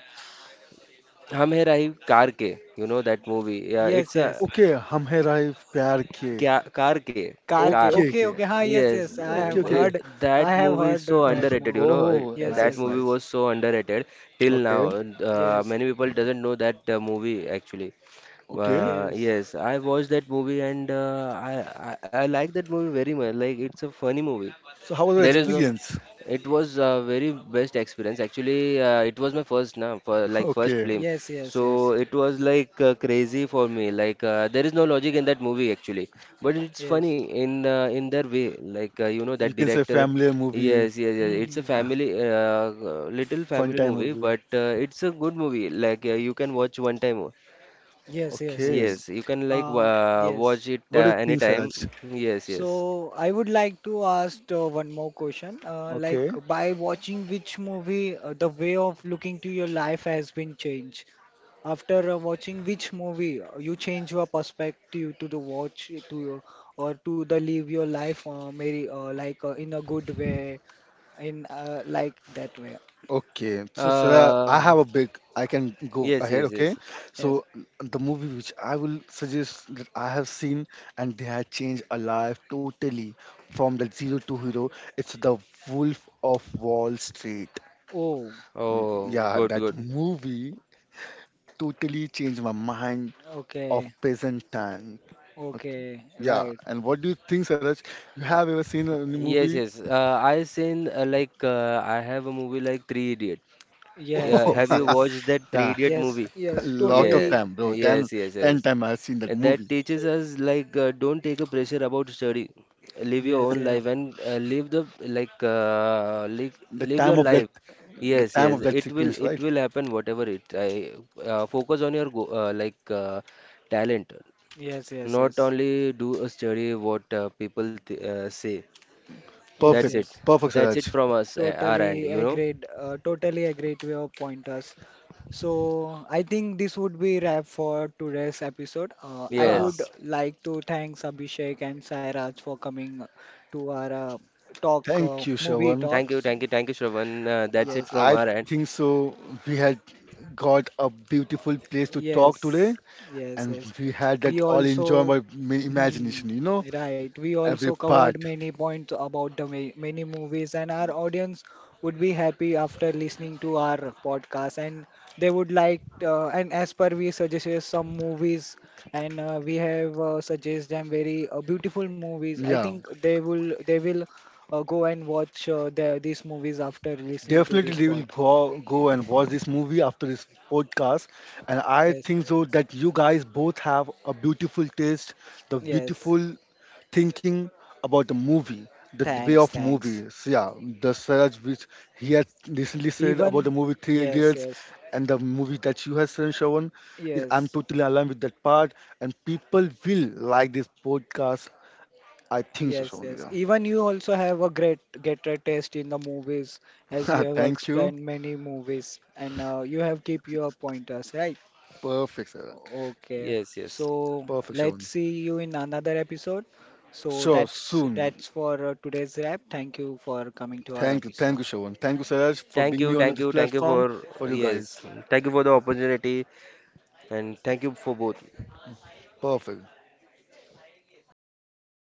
Speaker 2: Hum Hai Rahi Car Ke, you know that movie. Yeah, it's
Speaker 1: Yes,
Speaker 2: a
Speaker 1: yes,
Speaker 3: Okay, Hum Hai Rahe Pyar Ke.
Speaker 2: Kya, car K,
Speaker 1: car ke,
Speaker 2: car.
Speaker 3: Okay,
Speaker 1: okay,
Speaker 3: okay.
Speaker 1: okay, huh, yes,
Speaker 2: Yes,
Speaker 1: yes, I
Speaker 3: Okay,
Speaker 1: have
Speaker 3: okay.
Speaker 1: heard.
Speaker 2: that
Speaker 1: I have
Speaker 2: movie is
Speaker 1: heard
Speaker 2: so
Speaker 1: that
Speaker 2: underrated. You
Speaker 1: movie,
Speaker 2: know,
Speaker 3: Oh,
Speaker 1: yes,
Speaker 2: that
Speaker 3: nice,
Speaker 1: yes,
Speaker 2: movie
Speaker 1: yes,
Speaker 3: nice.
Speaker 2: was so underrated till now.
Speaker 3: Okay,
Speaker 1: yes,
Speaker 2: Many people doesn't know that movie actually.
Speaker 3: okay.
Speaker 1: yes,
Speaker 2: Yes, I watched that movie and I like that movie very much. Like it's a funny movie.
Speaker 3: So how was your
Speaker 2: There is
Speaker 1: yes,
Speaker 2: no.
Speaker 1: yes,
Speaker 3: experience?
Speaker 2: It was a very best experience. Actually, it was my first now for like first
Speaker 3: Okay.
Speaker 2: film,
Speaker 1: yes, yes,
Speaker 2: so
Speaker 1: yes,
Speaker 2: it was like crazy for me. Like there is no logic in that movie actually, but it's funny
Speaker 1: yes,
Speaker 2: in their way. Like you know
Speaker 3: You
Speaker 2: that
Speaker 3: can say
Speaker 2: director.
Speaker 3: family movie,
Speaker 2: Yes, yes, yes.
Speaker 1: hmm,
Speaker 2: It's a
Speaker 1: hmm,
Speaker 3: uh,
Speaker 1: hmm.
Speaker 2: family, little
Speaker 3: fun
Speaker 2: family
Speaker 3: time
Speaker 2: movie,
Speaker 3: movie.
Speaker 2: but it's a good movie. Like you can watch one time.
Speaker 1: Yes, yes,
Speaker 3: Okay.
Speaker 1: yes.
Speaker 2: Yes, you can like
Speaker 1: Um, yes.
Speaker 2: watch it
Speaker 3: What do you think,
Speaker 2: anytime.
Speaker 3: Siraj?
Speaker 2: Yes, yes.
Speaker 1: So I would like to ask one more question. Like
Speaker 3: Okay.
Speaker 1: by watching which movie, the way of looking to your life has been changed. After watching which movie, you change your perspective to the watch to or to the live your life, maybe in a good way, in that way.
Speaker 3: Okay. So Siraj, I
Speaker 2: Uh,
Speaker 3: have a big, I can go
Speaker 2: yes,
Speaker 3: ahead,
Speaker 2: yes,
Speaker 3: okay?
Speaker 2: yes.
Speaker 1: Yes.
Speaker 3: So the movie which I will suggest that I have seen and they have changed a life totally from the zero to hero. It's The Wolf of Wall Street.
Speaker 1: Oh,
Speaker 3: Mm,
Speaker 2: Oh,
Speaker 3: yeah,
Speaker 2: good,
Speaker 3: that
Speaker 2: good.
Speaker 3: movie totally changed my mind of
Speaker 1: okay,
Speaker 3: present time. Okay,
Speaker 1: okay,
Speaker 3: yeah,
Speaker 1: right.
Speaker 3: and what do you think, Saraj? You
Speaker 2: Uh,
Speaker 3: have ever seen any
Speaker 2: yes,
Speaker 3: movie?
Speaker 2: yes. I have a movie like Three Idiot.
Speaker 1: Yes,
Speaker 2: Yeah,
Speaker 3: Oh,
Speaker 2: have
Speaker 1: yes,
Speaker 2: you
Speaker 1: yes.
Speaker 2: watched that Three
Speaker 3: yeah,
Speaker 2: Idiot
Speaker 1: Yes,
Speaker 2: movie?
Speaker 3: a
Speaker 1: yes,
Speaker 3: lot of
Speaker 2: Yeah,
Speaker 1: totally.
Speaker 3: time, bro. Ten,
Speaker 2: yes, yes,
Speaker 3: ten
Speaker 2: yes.
Speaker 3: time I've seen that
Speaker 2: And that
Speaker 3: movie.
Speaker 2: teaches us like don't take a pressure about study. Live your
Speaker 1: Yes,
Speaker 2: own
Speaker 1: yeah.
Speaker 2: life and live the like live,
Speaker 3: The
Speaker 2: live
Speaker 3: time
Speaker 2: your
Speaker 3: of
Speaker 2: life.
Speaker 3: that, the
Speaker 2: Yes,
Speaker 3: time of
Speaker 2: yes.
Speaker 3: that sequence,
Speaker 2: It
Speaker 3: right?
Speaker 2: will happen whatever it. I Focus on your go like talent.
Speaker 1: Yes, yes,
Speaker 2: Not
Speaker 1: yes.
Speaker 2: only do a study what people th say.
Speaker 1: Yes,
Speaker 2: That's
Speaker 3: Perfect,
Speaker 2: it.
Speaker 1: yes.
Speaker 3: perfect,
Speaker 2: That's it
Speaker 3: Saraj.
Speaker 2: from us, our end,
Speaker 1: Totally
Speaker 2: you know?
Speaker 1: agreed. Totally agreed to your pointers. So I think this would be wrap for today's episode. I
Speaker 3: Yeah,
Speaker 1: would
Speaker 2: Yes.
Speaker 1: like to thank Abhishek and Sairaj for coming to our talk,
Speaker 3: thank you,
Speaker 1: movie
Speaker 3: Shravan.
Speaker 2: Thank you,
Speaker 1: talks.
Speaker 2: thank you, thank you, Shravan. That's it
Speaker 1: Yes,
Speaker 2: from
Speaker 1: yes.
Speaker 3: I
Speaker 2: our end.
Speaker 3: think so. We had got a beautiful place to talk
Speaker 1: Yes,
Speaker 3: today,
Speaker 1: yes,
Speaker 3: and
Speaker 1: yes.
Speaker 3: we had that
Speaker 1: We
Speaker 3: all enjoyed
Speaker 1: also,
Speaker 3: by my
Speaker 1: hmm,
Speaker 3: imagination, you know,
Speaker 1: right. We
Speaker 3: every
Speaker 1: also
Speaker 3: part.
Speaker 1: covered many points about the ma many movies, and our audience would be happy after listening to our podcast, and they would like. And as per we suggested some movies, and we have suggested them very beautiful movies. I
Speaker 3: Yeah.
Speaker 1: think they will go and watch these movies after listening to
Speaker 3: Definitely,
Speaker 1: this
Speaker 3: they will
Speaker 1: podcast.
Speaker 3: go, go and watch this movie after this podcast. And I
Speaker 1: Yes,
Speaker 3: think so that you guys both have a beautiful taste, the
Speaker 1: yes.
Speaker 3: beautiful thinking about the movie, the d- way
Speaker 1: Thanks,
Speaker 3: of
Speaker 1: thanks.
Speaker 3: movies. Yeah, the Saraj which he has recently said about the
Speaker 1: Even
Speaker 3: movie Three
Speaker 1: yes,
Speaker 3: Idiots
Speaker 1: yes,
Speaker 3: and the movie that you have seen, Shravan, is I'm
Speaker 1: yes,
Speaker 3: totally aligned with that part. And people will like this podcast. I think so,
Speaker 1: yes, yes.
Speaker 3: Shravan.
Speaker 1: Even you also have a great get a taste in the movies, as you
Speaker 3: Yeah.
Speaker 1: have
Speaker 3: Thank you.
Speaker 1: explained many movies, and you have keep your pointers, right?
Speaker 3: Perfect, Saraj.
Speaker 1: Okay.
Speaker 2: Yes, yes.
Speaker 1: So
Speaker 3: Perfect, Shravan.
Speaker 1: let's see you in another episode. So
Speaker 3: Sure,
Speaker 1: that's
Speaker 3: soon.
Speaker 1: that's for today's wrap. Thank you for coming to our
Speaker 3: Thank
Speaker 1: episode.
Speaker 3: you, Shravan. Thank you, Siraj, for
Speaker 2: Thank
Speaker 3: being me
Speaker 2: you,
Speaker 3: on
Speaker 2: thank
Speaker 3: this
Speaker 2: you, thank you
Speaker 3: platform
Speaker 2: for,
Speaker 3: for you guys.
Speaker 2: yes. Thank you for the opportunity and thank you for both.
Speaker 3: Perfect.